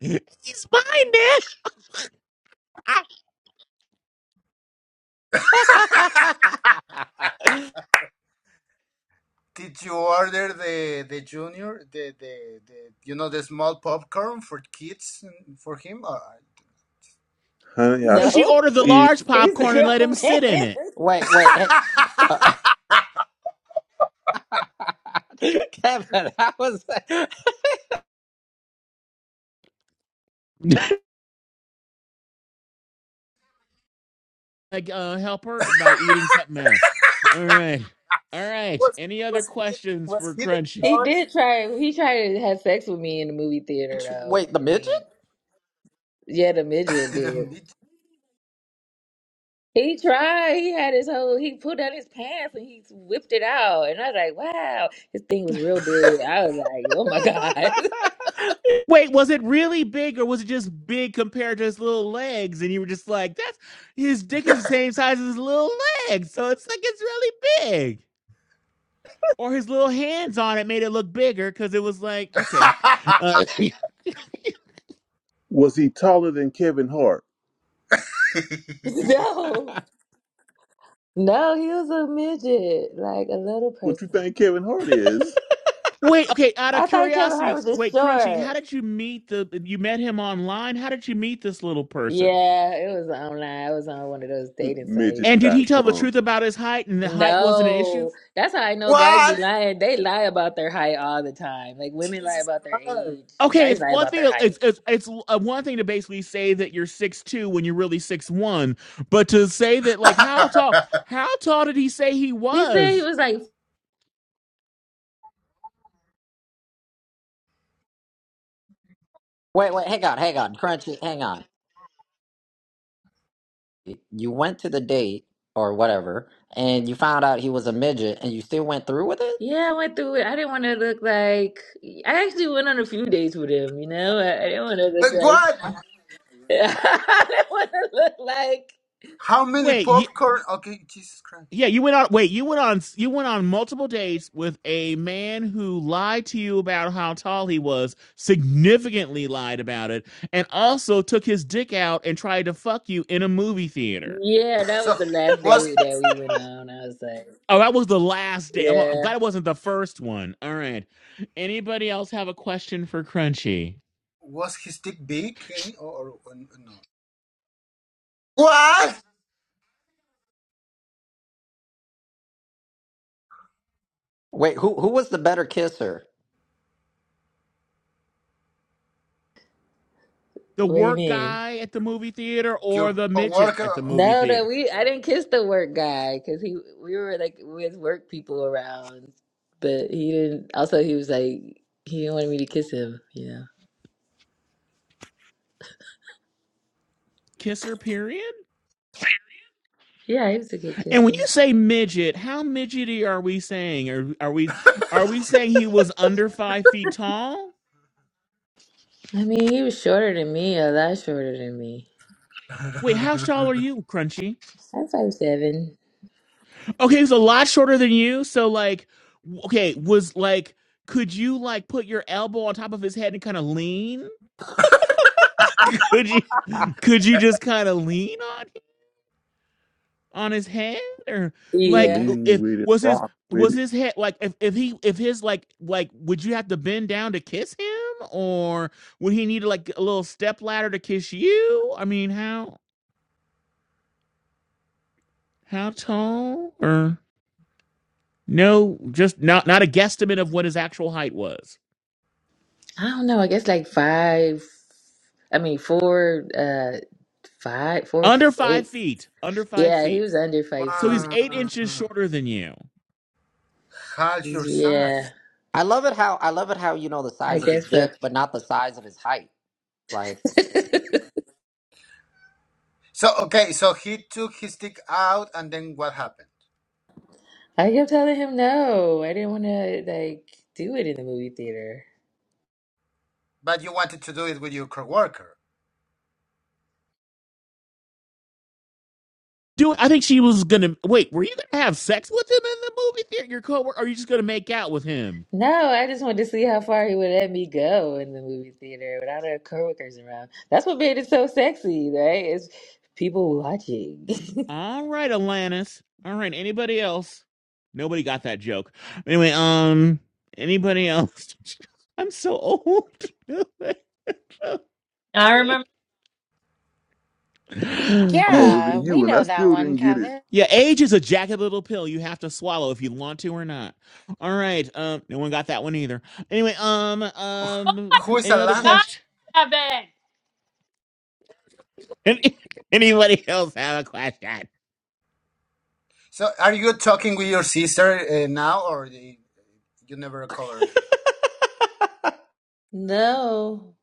He's mine, man. I-
Did you order the the junior the the, the you know the small popcorn for kids and for him? Or...
Honey, I
no, she
shrunk.
No.
ordered the
He
large
He's a
popcorn and let him
grown
sit in
man.
it.
wait, wait. Hey, Kevin, how was that?
like uh help her by eating something out. All right. All right.
was
Any other
was he
questions
was
for
he the
Crunchy?
He
dog?
did try he tried to have sex with me in the movie theater
which
though.
wait, the
I
midget?
mean, yeah, the midget did.
Didn't need To the mid-
He tried. He had his whole he pulled down his pants and he whipped it out. And I was like, wow. His thing was real big. I was like, oh my God.
Wait, was it really big or was it just big compared to his little legs? And you were just like, that's his dick is the same size as his little legs. So it's like it's really big. Or his little hands on it made it look bigger because it was like, okay. Uh,
was he taller than Kevin Hart?
No. No, he was a midget, like a little
What you
person.
think Kevin Hart is?
wait, okay. Out of
I thought Kevin Hart
curiosity,
was just
wait, Crunchy, how
short.
did you meet the, you met him online? How did you meet this little person?
Yeah, it was online. It was on one of those dating
Midget
And
sites.
did
dot
he tell the
com.
truth about his height and the height wasn't an issue?
No, that's how I know guys be
what?
lying. They lie about their height all the time. Like women lie
Jesus
about their
Christ.
age.
Okay,
Guys
it's
lie
one
about their
thing.
height.
It's it's it's uh, one thing to basically say that you're six two when you're really six one, but to say that like how tall how tall did he say he
He said he
was?
was like,
wait, wait, hang on, hang on, Crunchy, hang on. You went to the date or whatever, and you found out he was a midget, and you still went through with it.
yeah, I went through it. I didn't want to look like. I actually went on a few dates with him. You know, I, I didn't want to look like.
what?
I didn't want to look like.
How many
Wait, you,
popcorn? Okay, Jesus Christ.
yeah, you went on. Wait, you went on. You went on multiple dates with a man who lied to you about how tall he was, significantly lied about it, and also took his dick out and tried to fuck you in a movie theater.
Yeah, that was
So
the last
was
date that we went on. I was like,
Oh, that was the last day. I'm, I'm
yeah,
glad it wasn't the first one. All right. Anybody else have a question for Crunchy?
was his dick big any, or, or no? What?
Wait, who who was the better kisser?
The
what do you
work
mean?
guy at the movie theater or
Your
the midget
coworker?
at the
Oh.
movie
No, no,
theater?
we I didn't kiss the work guy because he we were like with work people around, but he didn't. Also, he was like he didn't want me to kiss him. You know?
Kisser period?
Yeah, he was a good
And when you
kisser.
say midget, how midgety are we saying? Are are we are we saying he was under five feet tall?
I mean, he was shorter than me, a lot shorter than me.
Wait, how tall are you, Crunchy?
I'm five seven.
Okay, he's a lot shorter than you. So like, w- okay, was like, could you like put your elbow on top of his head and kind of lean? could you could you just kind of lean on him- on his head or like
Yeah,
uh,
Lean
if
with it,
was his
rock with
was
it.
his head like if, if he if his like like would you have to bend down to kiss him or would he need like a little step ladder to kiss you i mean how how tall or no just not not a guesstimate of what his actual height was
I don't know. I guess like five. I mean, four, uh, five, four,
under
eight.
five feet under five
Yeah, he
feet
was under five
so
feet.
he's
wow.
eight inches shorter than you
Half your size.
Yeah,
I love it how I love it how you know the
I
size of his
guess so.
dick, but not the size of his height. Like
So okay, so he took his dick out, and then what happened?
I kept telling him no. I didn't want to like do it in the movie theater.
But you wanted to do it with your coworker.
Do I think she was gonna wait? Were you gonna have sex with him in the movie theater? Your coworker? Or are you just gonna make out with him?
No, I just wanted to see how far he would let me go in the movie theater without our coworkers around. That's what made it so sexy, right? It's people watching.
All right, Alanis. All right. Anybody else? Nobody got that joke. Anyway, um, anybody else? I'm so old.
I remember.
I'm older
Yeah,
than
we
you, and I
know that
still
one,
didn't get it.
Kevin.
yeah, age is a jagged little pill you have to swallow if you want to or not. All right. Um, no one got that one either. Anyway, um, um,
Who is
any other
Alan?
God,
question?
heaven.
Anybody else have a question?
So, are you talking with your sister uh, now, or the- you never covered? it?
No,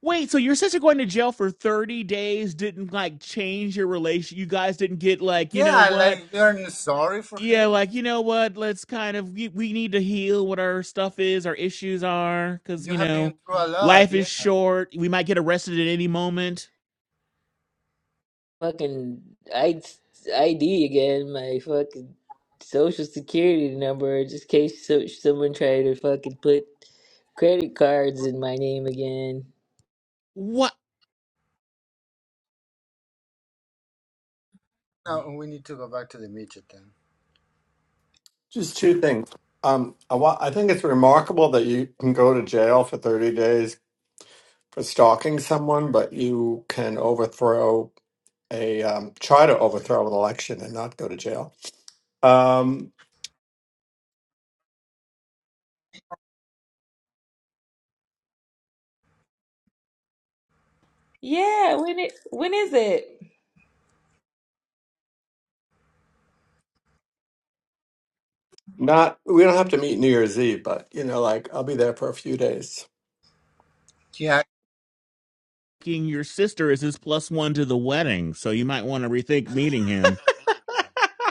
Wait, so your sister going to jail for 30 days didn't like change your relation? You guys didn't get like, you know
Yeah,
what?
like you're sorry for her.
Yeah, like, you know what? Let's kind of, we, we need to heal what our stuff is, our issues are, because,
You
you
have been
know,
through a lot.
life is
Yeah.
short. We might get arrested at any moment.
fucking I ID again, my fucking social security number, just in case so, someone tried to fucking put credit cards in my name again.
What?
No, we need to go back to the midget then.
Just two things. Um, I, wa- I think it's remarkable that you can go to jail for 30 days for stalking someone, but you can overthrow a um, try to overthrow an election and not go to jail. Um,
Yeah, when it when is it?
not we don't have to meet New Year's Eve, but you know, like I'll be there for a few days.
Yeah,
Fucking Your sister is his plus one to the wedding, so you might want to rethink meeting him.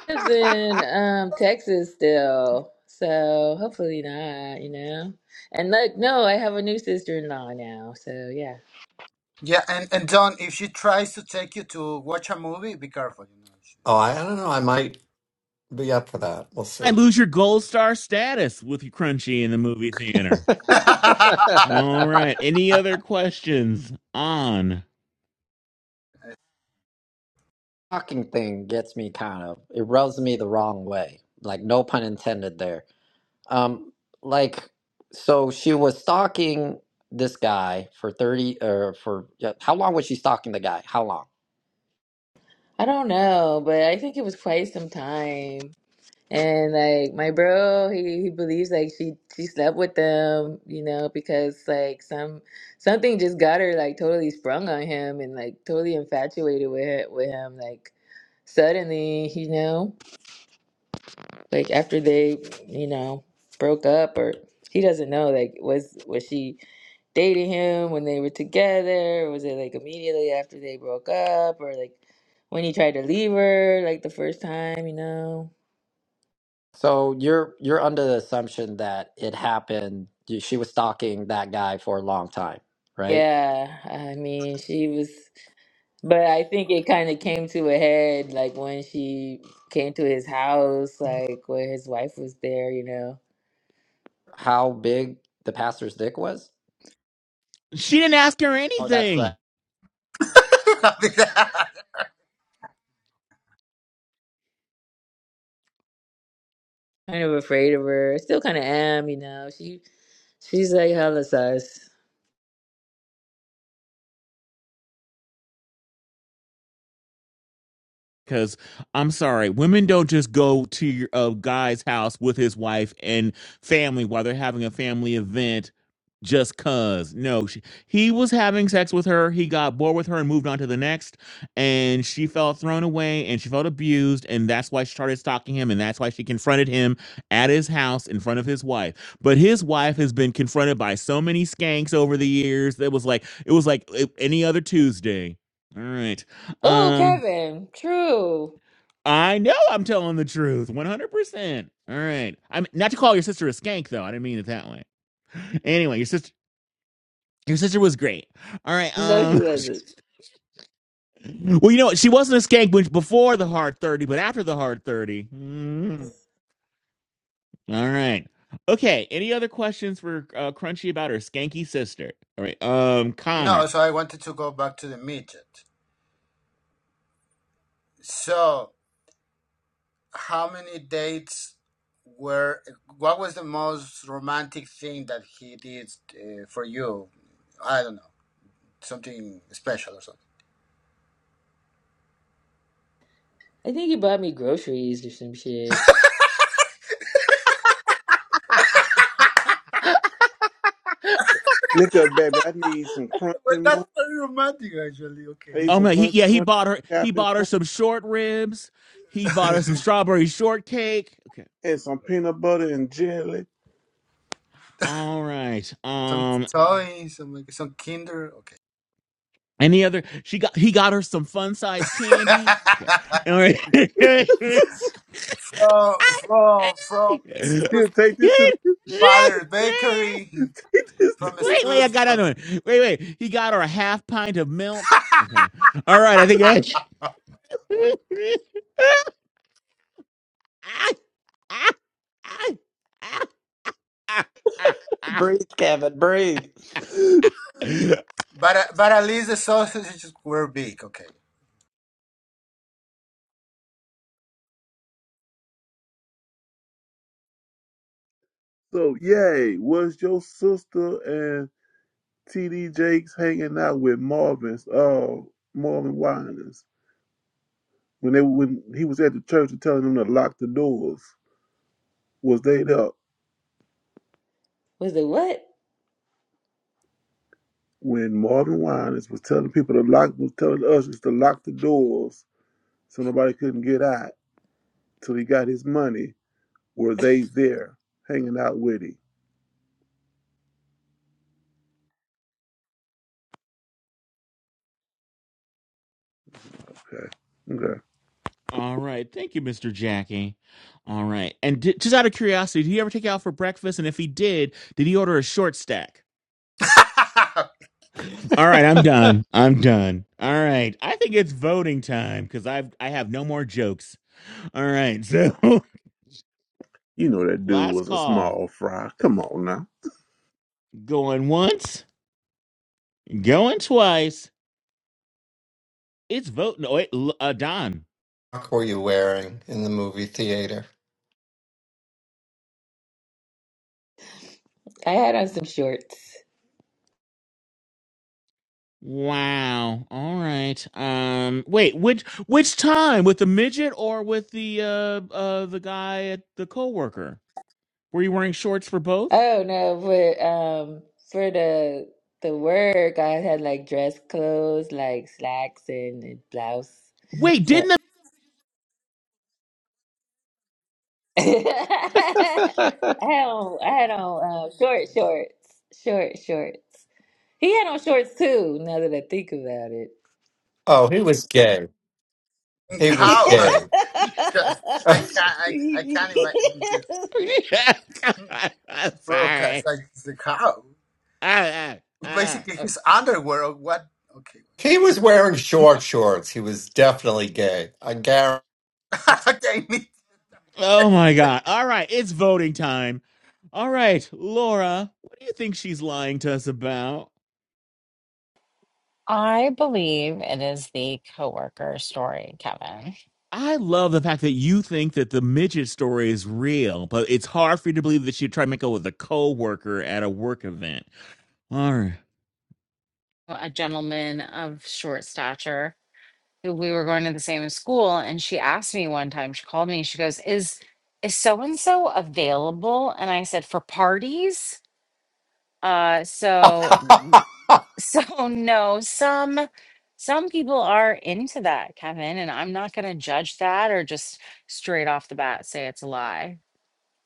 Lives in um Texas still, so hopefully not, you know. And like, no, I have a new sister-in-law now, so yeah.
yeah, and and Don, if she tries to take you to watch a movie, be careful. You
Oh, I, I don't know. I might be up for that. We'll
I
see.
lose your gold star status with your crunchy in the movie theater.
know,
All right. Any other questions on?
fucking thing gets me kind of it rubs me the wrong way. Like no pun intended there. Um, like, so she was stalking this guy for 30 or for yeah, how long was she stalking the guy? How long?
I don't know, but I think it was quite some time. And like my bro, he, he believes like she she slept with them, you know, because like some something just got her like totally sprung on him and like totally infatuated with with him, like suddenly, you know. Like after they, you know, broke up or he doesn't know like was was she dating him when they were together? Or was it like immediately after they broke up or like when he tried to leave her like the first time, you know?
So you're you're under the assumption that it happened she was stalking that guy for a long time, right?
Yeah, I mean, she was, but I think it kind of came to a head like when she came to his house, like where his wife was there, you know,
How big the pastor's dick was?
She didn't ask her
Oh, that's
anything.
right.
she's.
kind of afraid of her. Still kind of am, you know. She she's like hella sus.
Because I'm sorry, women don't just go to your uh, guy's house with his wife and family while they're having a family event just cuz. No, she, he was having sex with her. He got bored with her and moved on to the next. And she felt thrown away and she felt abused. And that's why she started stalking him. And that's why she confronted him at his house in front of his wife. But his wife has been confronted by so many skanks over the years that was like, it was like uh, any other Tuesday. All right.
Oh,
Um,
Kevin, true.
I know I'm telling the truth, 100%. All right. I'm not to call your sister a skank though. I didn't mean it that way. Anyway, your sister your sister was great. All right.
No, she
Um
wasn't.
Well, you know what? She wasn't a skank before the hard 30, but after the hard 30. Mm.
I
All right. Okay, any other questions for uh, Crunchy about her skanky sister? All right. Um
no,
Connor.
so I wanted to go back to the midget. So. how many dates were what was the most romantic thing that he did uh, for you i don't know something special or something
think he bought me groceries or some shit.
Look up, baby. I need some
well
crunching
that's
munch.
very romantic actually
I
okay
need
Oh
some
no, he
crunching
yeah, he
munch,
bought her he
Captain
bought her
Crunch,
some short ribs. He bought her some strawberry shortcake. Okay.
and some peanut butter and jelly.
All right.
some
Um
toys some like some kinder okay
Any other? She got he got her some fun size candy. Okay, all right.
from from from
Here,
Stu's
take this to the.
father's bakery
Take this. To,
from
Wait, wait, I
Stu's
got another one. Wait, wait, he got her a half pint of milk. Okay, all right, I think I.
Breathe, Kevin, breathe.
but but at least the sausages were big okay
so, yay! Was your sister and. TD Jakes hanging out with Marvin's, uh, Marvin Winans when they when he was at the church and telling them to lock the doors. Was they there
Was it what?
when Marvin Winans was telling people to lock was telling the ushers to lock the doors so nobody couldn't get out till he got his money? Were they there hanging out with him? Okay, okay.
all right, thank you, Mister Jackie. All right, and di- just out of curiosity, did he ever take you out for breakfast? And if he did, did he order a short stack? All right, I'm done. I'm done. All right. I think it's voting time because I've I have no more jokes. All right, so
You know that dude
last
was a
call.
small fry. Come on now.
Going once, going twice. It's voting. Oh, wait, uh, Don.
frock were you wearing in the movie theater?
I had on some shorts.
Wow. All right. Um. Wait. Which which time with the midget or with the uh uh the guy at the coworker? Were you wearing shorts for both?
Oh no, but um for the the work I had like dress clothes, like slacks and a blouse.
Wait,
Yeah.
didn't
I had on I had on uh, short shorts. Short shorts. He had on shorts too, now that I think about it.
Oh, he was gay. He was
how
gay.
the
So I can't I, I can't imagine to hmm, to broadcast
Sorry.
like the cow.
Ah, ah,
Basically
ah.
his underwear or what okay.
he was wearing short shorts. He was definitely gay. I guarantee.
okay. me-
Oh my God. All right. It's voting time. All right. Laura, what do you think she's lying to us about?
I believe it is the coworker story, Kevin.
I love the fact that you think that the midget story is real, but it's hard for you to believe that she tried to make out with a coworker at a work event. All right.
A gentleman of short stature who we were going to the same school and she asked me one time, she called me, she goes, "Is is so and so available?" And I said, "For parties?" Uh, so
uh,
So no, some some people are into that, Kevin, and I'm not going to judge that or just straight off the bat say it's a lie.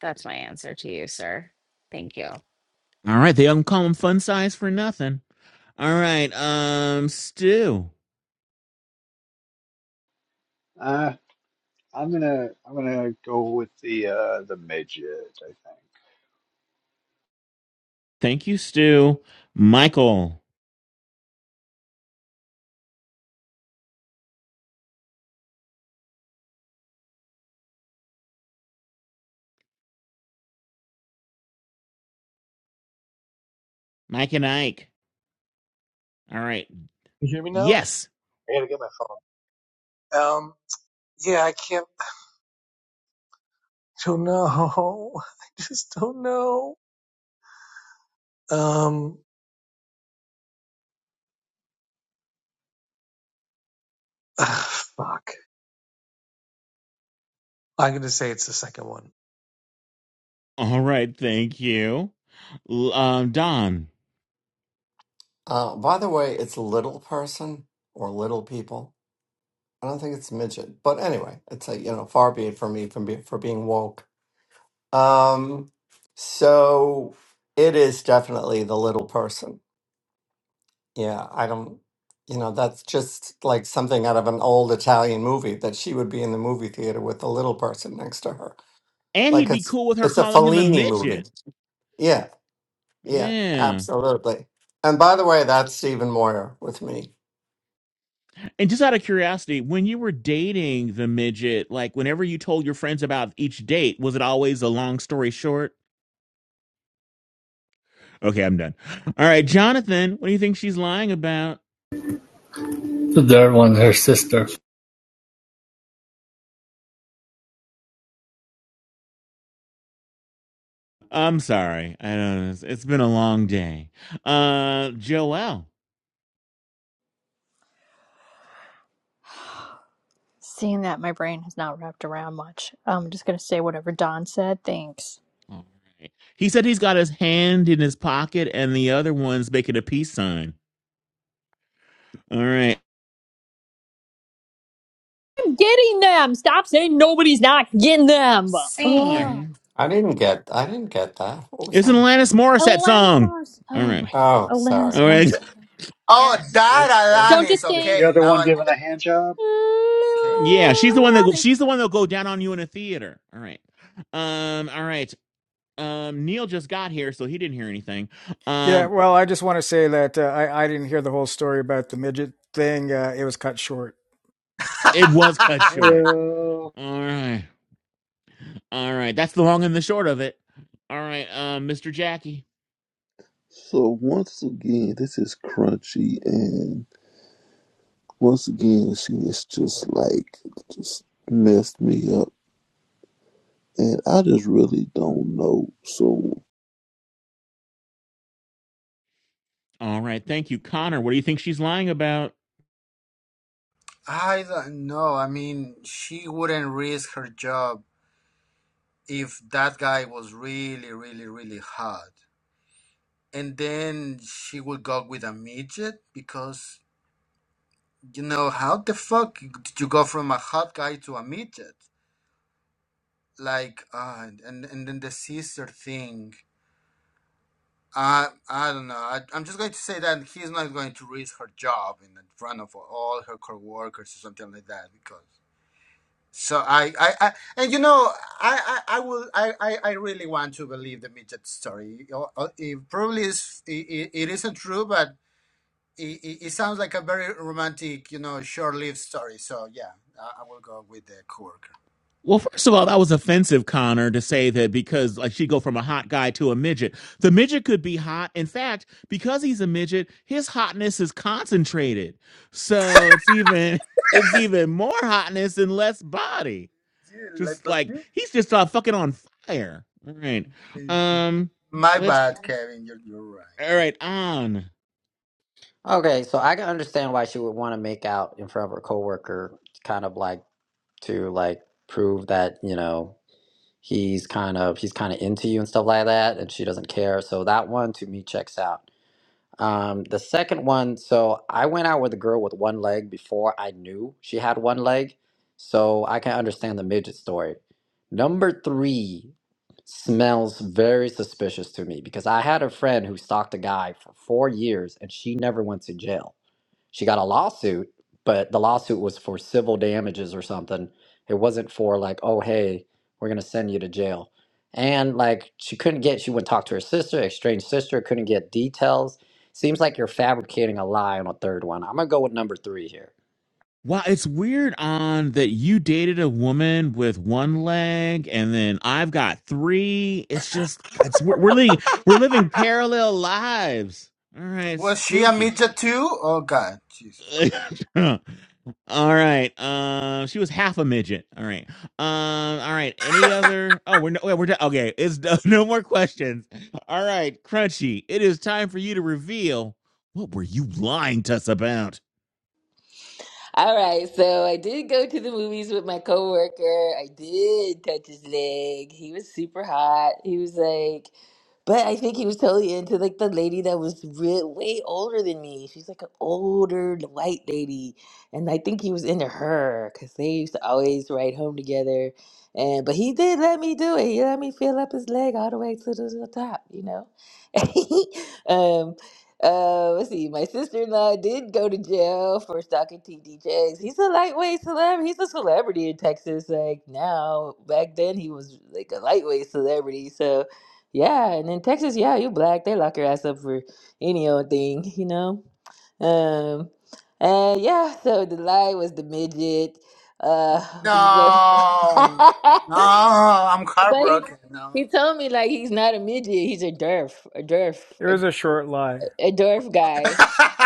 That's my answer to you, sir. Thank you.
All right. They don't call him fun size for nothing. All right. Um, Stu.
Uh, I'm gonna I'm gonna go with the uh the midget. I think
Thank you, Stu. Michael. Mike and Ike. All right.
You hear me now?
Yes.
I gotta get my phone. Um, yeah, I can't. I don't know. I just don't know. Um, ah, fuck. I'm gonna say it's the second one.
All right. Thank you. Um, Don.
by the way, it's little person or little people. I don't think it's midget, but anyway, it's a you know far be it for me from be, for being woke. Um, so it is definitely the little person. Yeah, I don't, you know, that's just like something out of an old Italian movie that she would be in the movie theater with the little person next to her.
And
Like
he'd be
it's
cool with her
it's a
calling him a
Fellini movie.
midget.
Yeah, yeah,
Yeah.
absolutely. And by the way, that's Stephen Moyer with me.
And just out of curiosity, when you were dating the midget, like whenever you told your friends about each date, was it always a long story short? Okay, I'm done. All right, Jonathan, what do you think she's lying about?
the third one, her sister.
I'm sorry. I don't know. It's it's been a long day. Uh Joel.
Seeing that my brain has not wrapped around much, I'm just gonna say whatever Don said. Thanks.
All right. He said he's got his hand in his pocket and the other one's making a peace sign. All right.
I'm getting them. Stop saying nobody's not getting them.
All right.
Oh,
Same.
I didn't get I didn't get that. What was
It's an
that?
Alanis Morissette
Alanis
song.
Morris.
All
Oh my
right.
Oh,
God, Alanis
sorry.
All right.
Morris.
Oh
Yeah,
is is is,
that
Don't you
Alanis,
is the
think?
okay,
other
now
one
I
giving
get
a hand job?
okay.
Yeah, she's the one that go- she's the one that'll go down on you in a theater. All right. Um, all right. Um, Neil just got here, so he didn't hear anything.
Yeah,
Um,
well, I just want to say that uh, I, I didn't hear the whole story about the midget thing. Uh, it was cut short.
it was cut short.
Heyo.
All right. All right. That's the long and the short of it. All right, um, Mr. Jackie.
So once again, this is Crunchy and once again, she is just like just messed me up, and I just really don't know. So
All right, thank you. Connor, what do you think she's lying about?
I don't know. I mean she wouldn't risk her job if that guy was really, really, really hot. And then she would go with a midget because you know how the fuck did you go from a hot guy to a midget? like uh and and then the sister thing i i don't know I, i'm just going to say that he's not going to risk her job in front of all her coworkers or something like that because so i i, I and you know i i, I will I, I i really want to believe the midget story Or- or it probably is it, it it isn't true but it, it, it sounds like a very romantic you know short-lived story so yeah i, I will go with the coworker. worker
Well, first of all, that was offensive, Connor, to say that because like she go from a hot guy to a midget. The midget could be hot. In fact, because he's a midget, his hotness is concentrated. So it's even it's even more hotness and less body.
Yeah, like
Just like
perfume.
he's just uh, fucking on fire. All right. Um
My
let's
bad, Kevin. You're, you're right.
all right, on.
Okay, so I can understand why she would want to make out in front of her coworker, kind of like to like prove that, you know, he's kind of he's kind of into you and stuff like that and she doesn't care so that one to me checks out um the second one so i went out with a girl with one leg before i knew she had one leg so i can understand the midget story number three smells very suspicious to me because i had a friend who stalked a guy for four years and she never went to jail she got a lawsuit, but the lawsuit was for civil damages or something. It wasn't for like, oh hey, we're gonna send you to jail. And like she couldn't get she wouldn't talk to her sister, estranged sister, couldn't get details. Seems like you're fabricating a lie on a third one. I'm gonna go with number three here.
Wow, it's weird on that you dated a woman with one leg and then I've got three. It's just it's we're, we're living we're living parallel lives. All right,
Was she a
spooky.
Mita too? Oh God, Jesus Christ.
All right. Uh, she was half a midget. All right. Um all right. Any other Oh, we're no wait, we're done. Okay, it's no more questions. All right, Crunchy. It is time for you to reveal what were you lying to us about?
All right, so I did go to the movies with my coworker. I did touch his leg. He was super hot. He was like, but I think he was totally into like the lady that was re way older than me. She's like an older white lady, and I think he was into her because they used to always ride home together. And but he did let me do it. He let me feel up his leg all the way to the the top, you know. um, Uh, let's see. My sister in law did go to jail for stalking TD Jakes. He's a lightweight celeb. He's a celebrity in Texas. Like now, back then he was like a lightweight celebrity. So, yeah. And in Texas, yeah, you black, they lock your ass up for any old thing, you know. Um, and yeah. So the lie was the midget. Uh, you know.
No, no, I'm
but he
heartbroken.
he
No,
told me like he's not a midget. He's a derf, a derf,
It was a short lie.
a dwarf guy.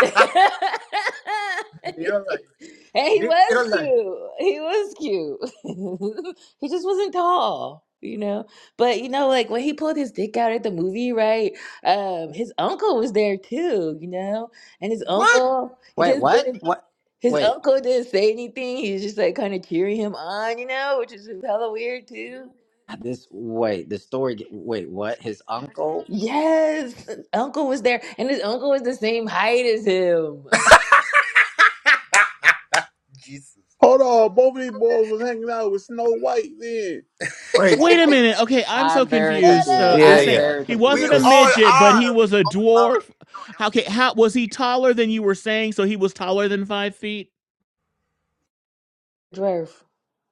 and
little lie,
he
big
was
little lie.
cute. He was cute. he just wasn't tall, you know. But you know, like when he pulled his dick out at the movie, right? Um, his uncle was there too, you know. And his
What?
uncle, he
Wait,
just
what?
didn't.
What?
His
Wait,
uncle didn't say anything. He was just like kind of cheering him on, you know, which is hella weird too.
this, wait, the story, ge- wait, what? His uncle?
Yes, his uncle was there, and his uncle was the same height as him.
Jesus.
Hold on, both of these boys was hanging out with Snow White then.
Wait.
Wait a minute. Okay, I'm so
I'm very
confused.
confused.
So you're
Yeah,
I'm
saying
yeah.
very
he
We
wasn't
all
confused.
a
This
midget, but
are.
he was
We
a
all are.
dwarf? Okay, how was he taller than you were saying? So he was taller than five feet?
Drove.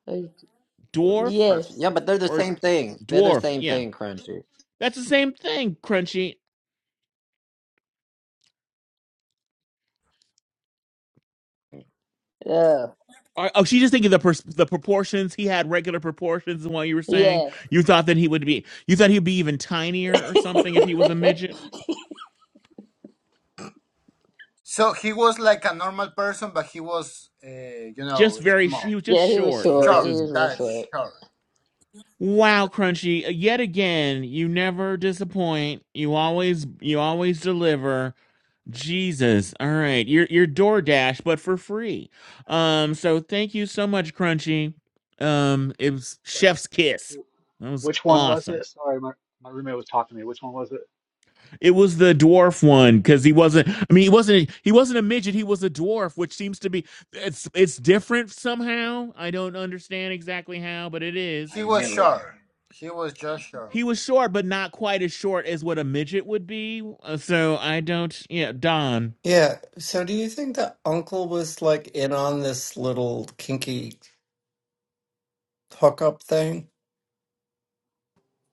Uh,
Dwarf
Perfect.
Yes.
Yeah, but they're the
or
same thing. They're the
dwarf?
same
Yeah,
thing, Crunchy.
that's the same thing. Crunchy.
Uh,
Or- Oh, she's just thinking the pers- the proportions he had regular proportions. And what you were saying,
yeah.
you thought that he would be, you thought he'd be even tinier or something if he was a midget.
So he was like a normal person, but he was, uh, you know,
Just very,
small,
he was just
yeah, he was
short
short. He
short.
versus
was real
That's
short.
short.
Wow, Crunchy, yet again, you never disappoint. You always you always deliver. Jesus. All right. You're you're DoorDash, but for free. Um, so thank you so much, Crunchy. Um, it was
Wait,
Chef's Kiss.
wh-
That was
which one was
awesome.
it? Sorry, my my roommate was talking to me. Which one was it?
It was the dwarf one because he wasn't. I mean, he wasn't. He wasn't a midget. He was a dwarf, which seems to be. It's it's different somehow. I don't understand exactly how, but it is.
I
He was
knew it.
short. He was just short.
he was short, but not quite as short as what a midget would be. Uh, So I don't. Yeah, Don.
yeah. So do you think the uncle was like in on this little kinky hookup thing?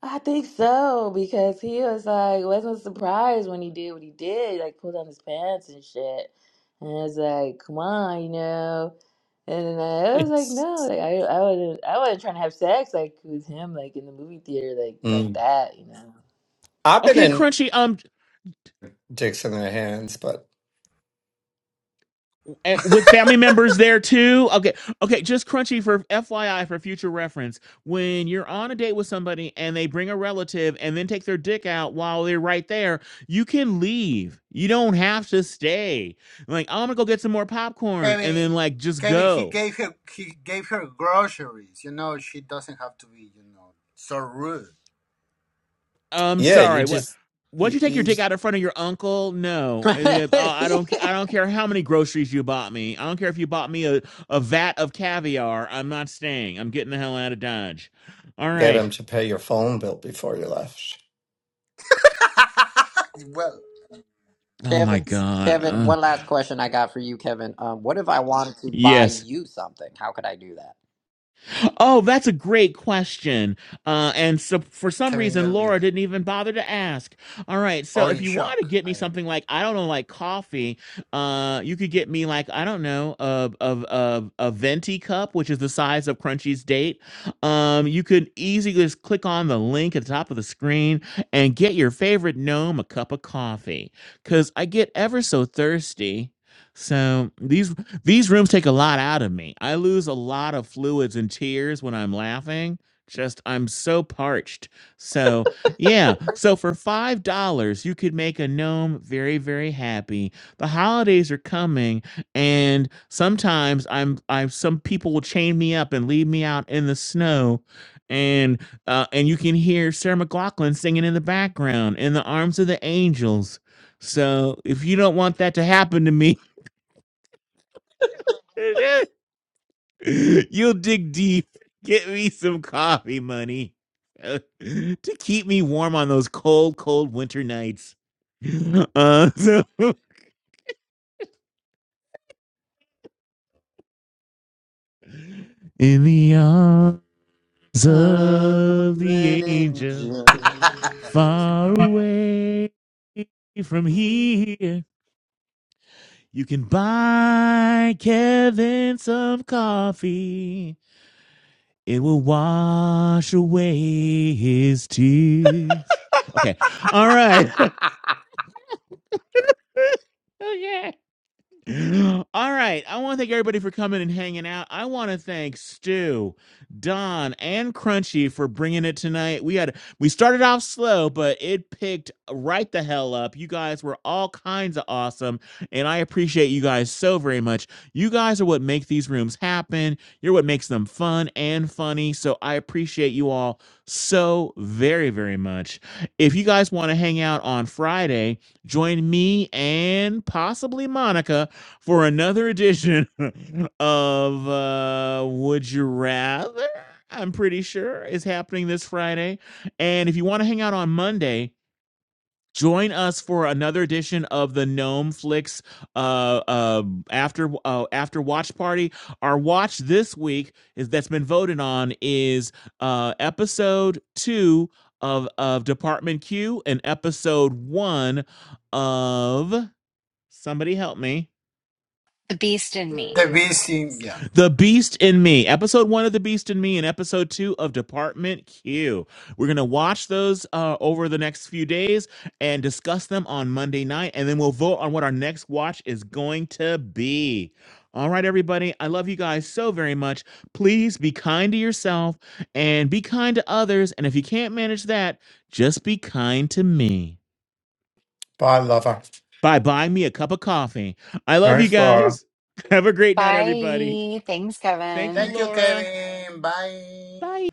I think so because he was like wasn't surprised when he did what he did, like pulled down his pants and shit. And I was like, come on, you know. And then I was like,
Yes.
no, like I, I wasn't, I wasn't trying to have sex like with him, like in the movie theater, like like
Mm.
that, you know.
I've been
Okay,
in
Crunchy. Um,
dicks in their hands. But
eh, with family members there too. Okay, okay. Just Crunchy for FYI for future reference. When you're on a date with somebody and they bring a relative and then take their dick out while they're right there, you can leave. You don't have to stay. Like oh, I'm gonna go get some more popcorn and
Kevin,
then like just
Kevin, he
go.
gave her he gave her groceries. You know, she doesn't have to be, you know, so rude.
I'm
yeah, you
sorry. What?
just
Once
you,
you take your
you
dick
just
out in front of your uncle, no, And if- uh, I don't. I don't care how many groceries you bought me. I don't care if you bought me a, a vat of caviar. I'm not staying. I'm getting the hell out of Dodge. All
get them
right.
to pay your phone bill before you left.
well,
Oh
Kevin,
my
it's
God.
Kevin,
something,
Uh,
you
one
know.
last question I got for you, Kevin. Um, what if I wanted to buy
yes.
you something? How could I do that?
Oh, that's a great question. Uh, and so for some
Kevin,
reason,
you're
Laura
muted
didn't even bother to ask. All right. So
or
if
in
you want to
shock.
get
I
me
don't
something
know.
like, I don't know, like coffee, uh, you could get me like, I don't know, a, a, a, a venti cup, which is the size of Crunchy's date. Um, you could easily just click on the link at the top of the screen and get your favorite gnome a cup of coffee because I get ever so thirsty. So these these rooms take a lot out of me. I lose a lot of fluids and tears when I'm laughing. Just, I'm so parched. So, yeah. So, for $5, you could make a gnome very, very happy. The holidays are coming, and sometimes I'm, I, some people will chain me up and leave me out in the snow. And, uh, and you can hear Sarah McLachlan singing in the background, in the arms of the angels. So, if you don't want that to happen to me, You'll dig deep. Get me some coffee money uh, to keep me warm on those cold, cold winter nights. Uh, so- in the arms
I'm
of the
an
angel, far away from
angel.
here, you can buy Kevin some coffee. It will wash away his tears. Okay. All right. okay. All right. I want to thank everybody for coming and hanging out. I want to thank Stu, Don, and Crunchy for bringing it tonight. We had we started off slow, but it picked right the hell up. You guys were all kinds of awesome, and I appreciate you guys so very much. You guys are what make these rooms happen. You're what makes them fun and funny. So I appreciate you all so very very much. If you guys want to hang out on Friday, join me and possibly Monica for another edition of uh, Would You Rather? I'm pretty sure is happening this Friday. And if you want to hang out on Monday, join us for another edition of the Gnome Flix uh, uh, after uh, after watch party. Our watch this week is that's been voted on is uh, episode two of of Department Q and episode one of somebody help me
The beast in
The
me.
beast, in- yeah.
The Beast in Me, episode one of The Beast in Me, and episode two of Department Q. We're going to watch those uh, over the next few days and discuss them on Monday night, and then we'll vote on what our next watch is going to be. All right, everybody, I love you guys so very much. Please be kind to yourself and be kind to others. And if you can't manage that, just be kind to me
Bye, lover.
by buying me a cup of coffee. I love you
Thanks, Laura.
guys. Have a great night, everybody.
Bye. Thanks,
Thank you,
Kevin.
Thank you,
Laura.
Kevin. Bye.
Bye.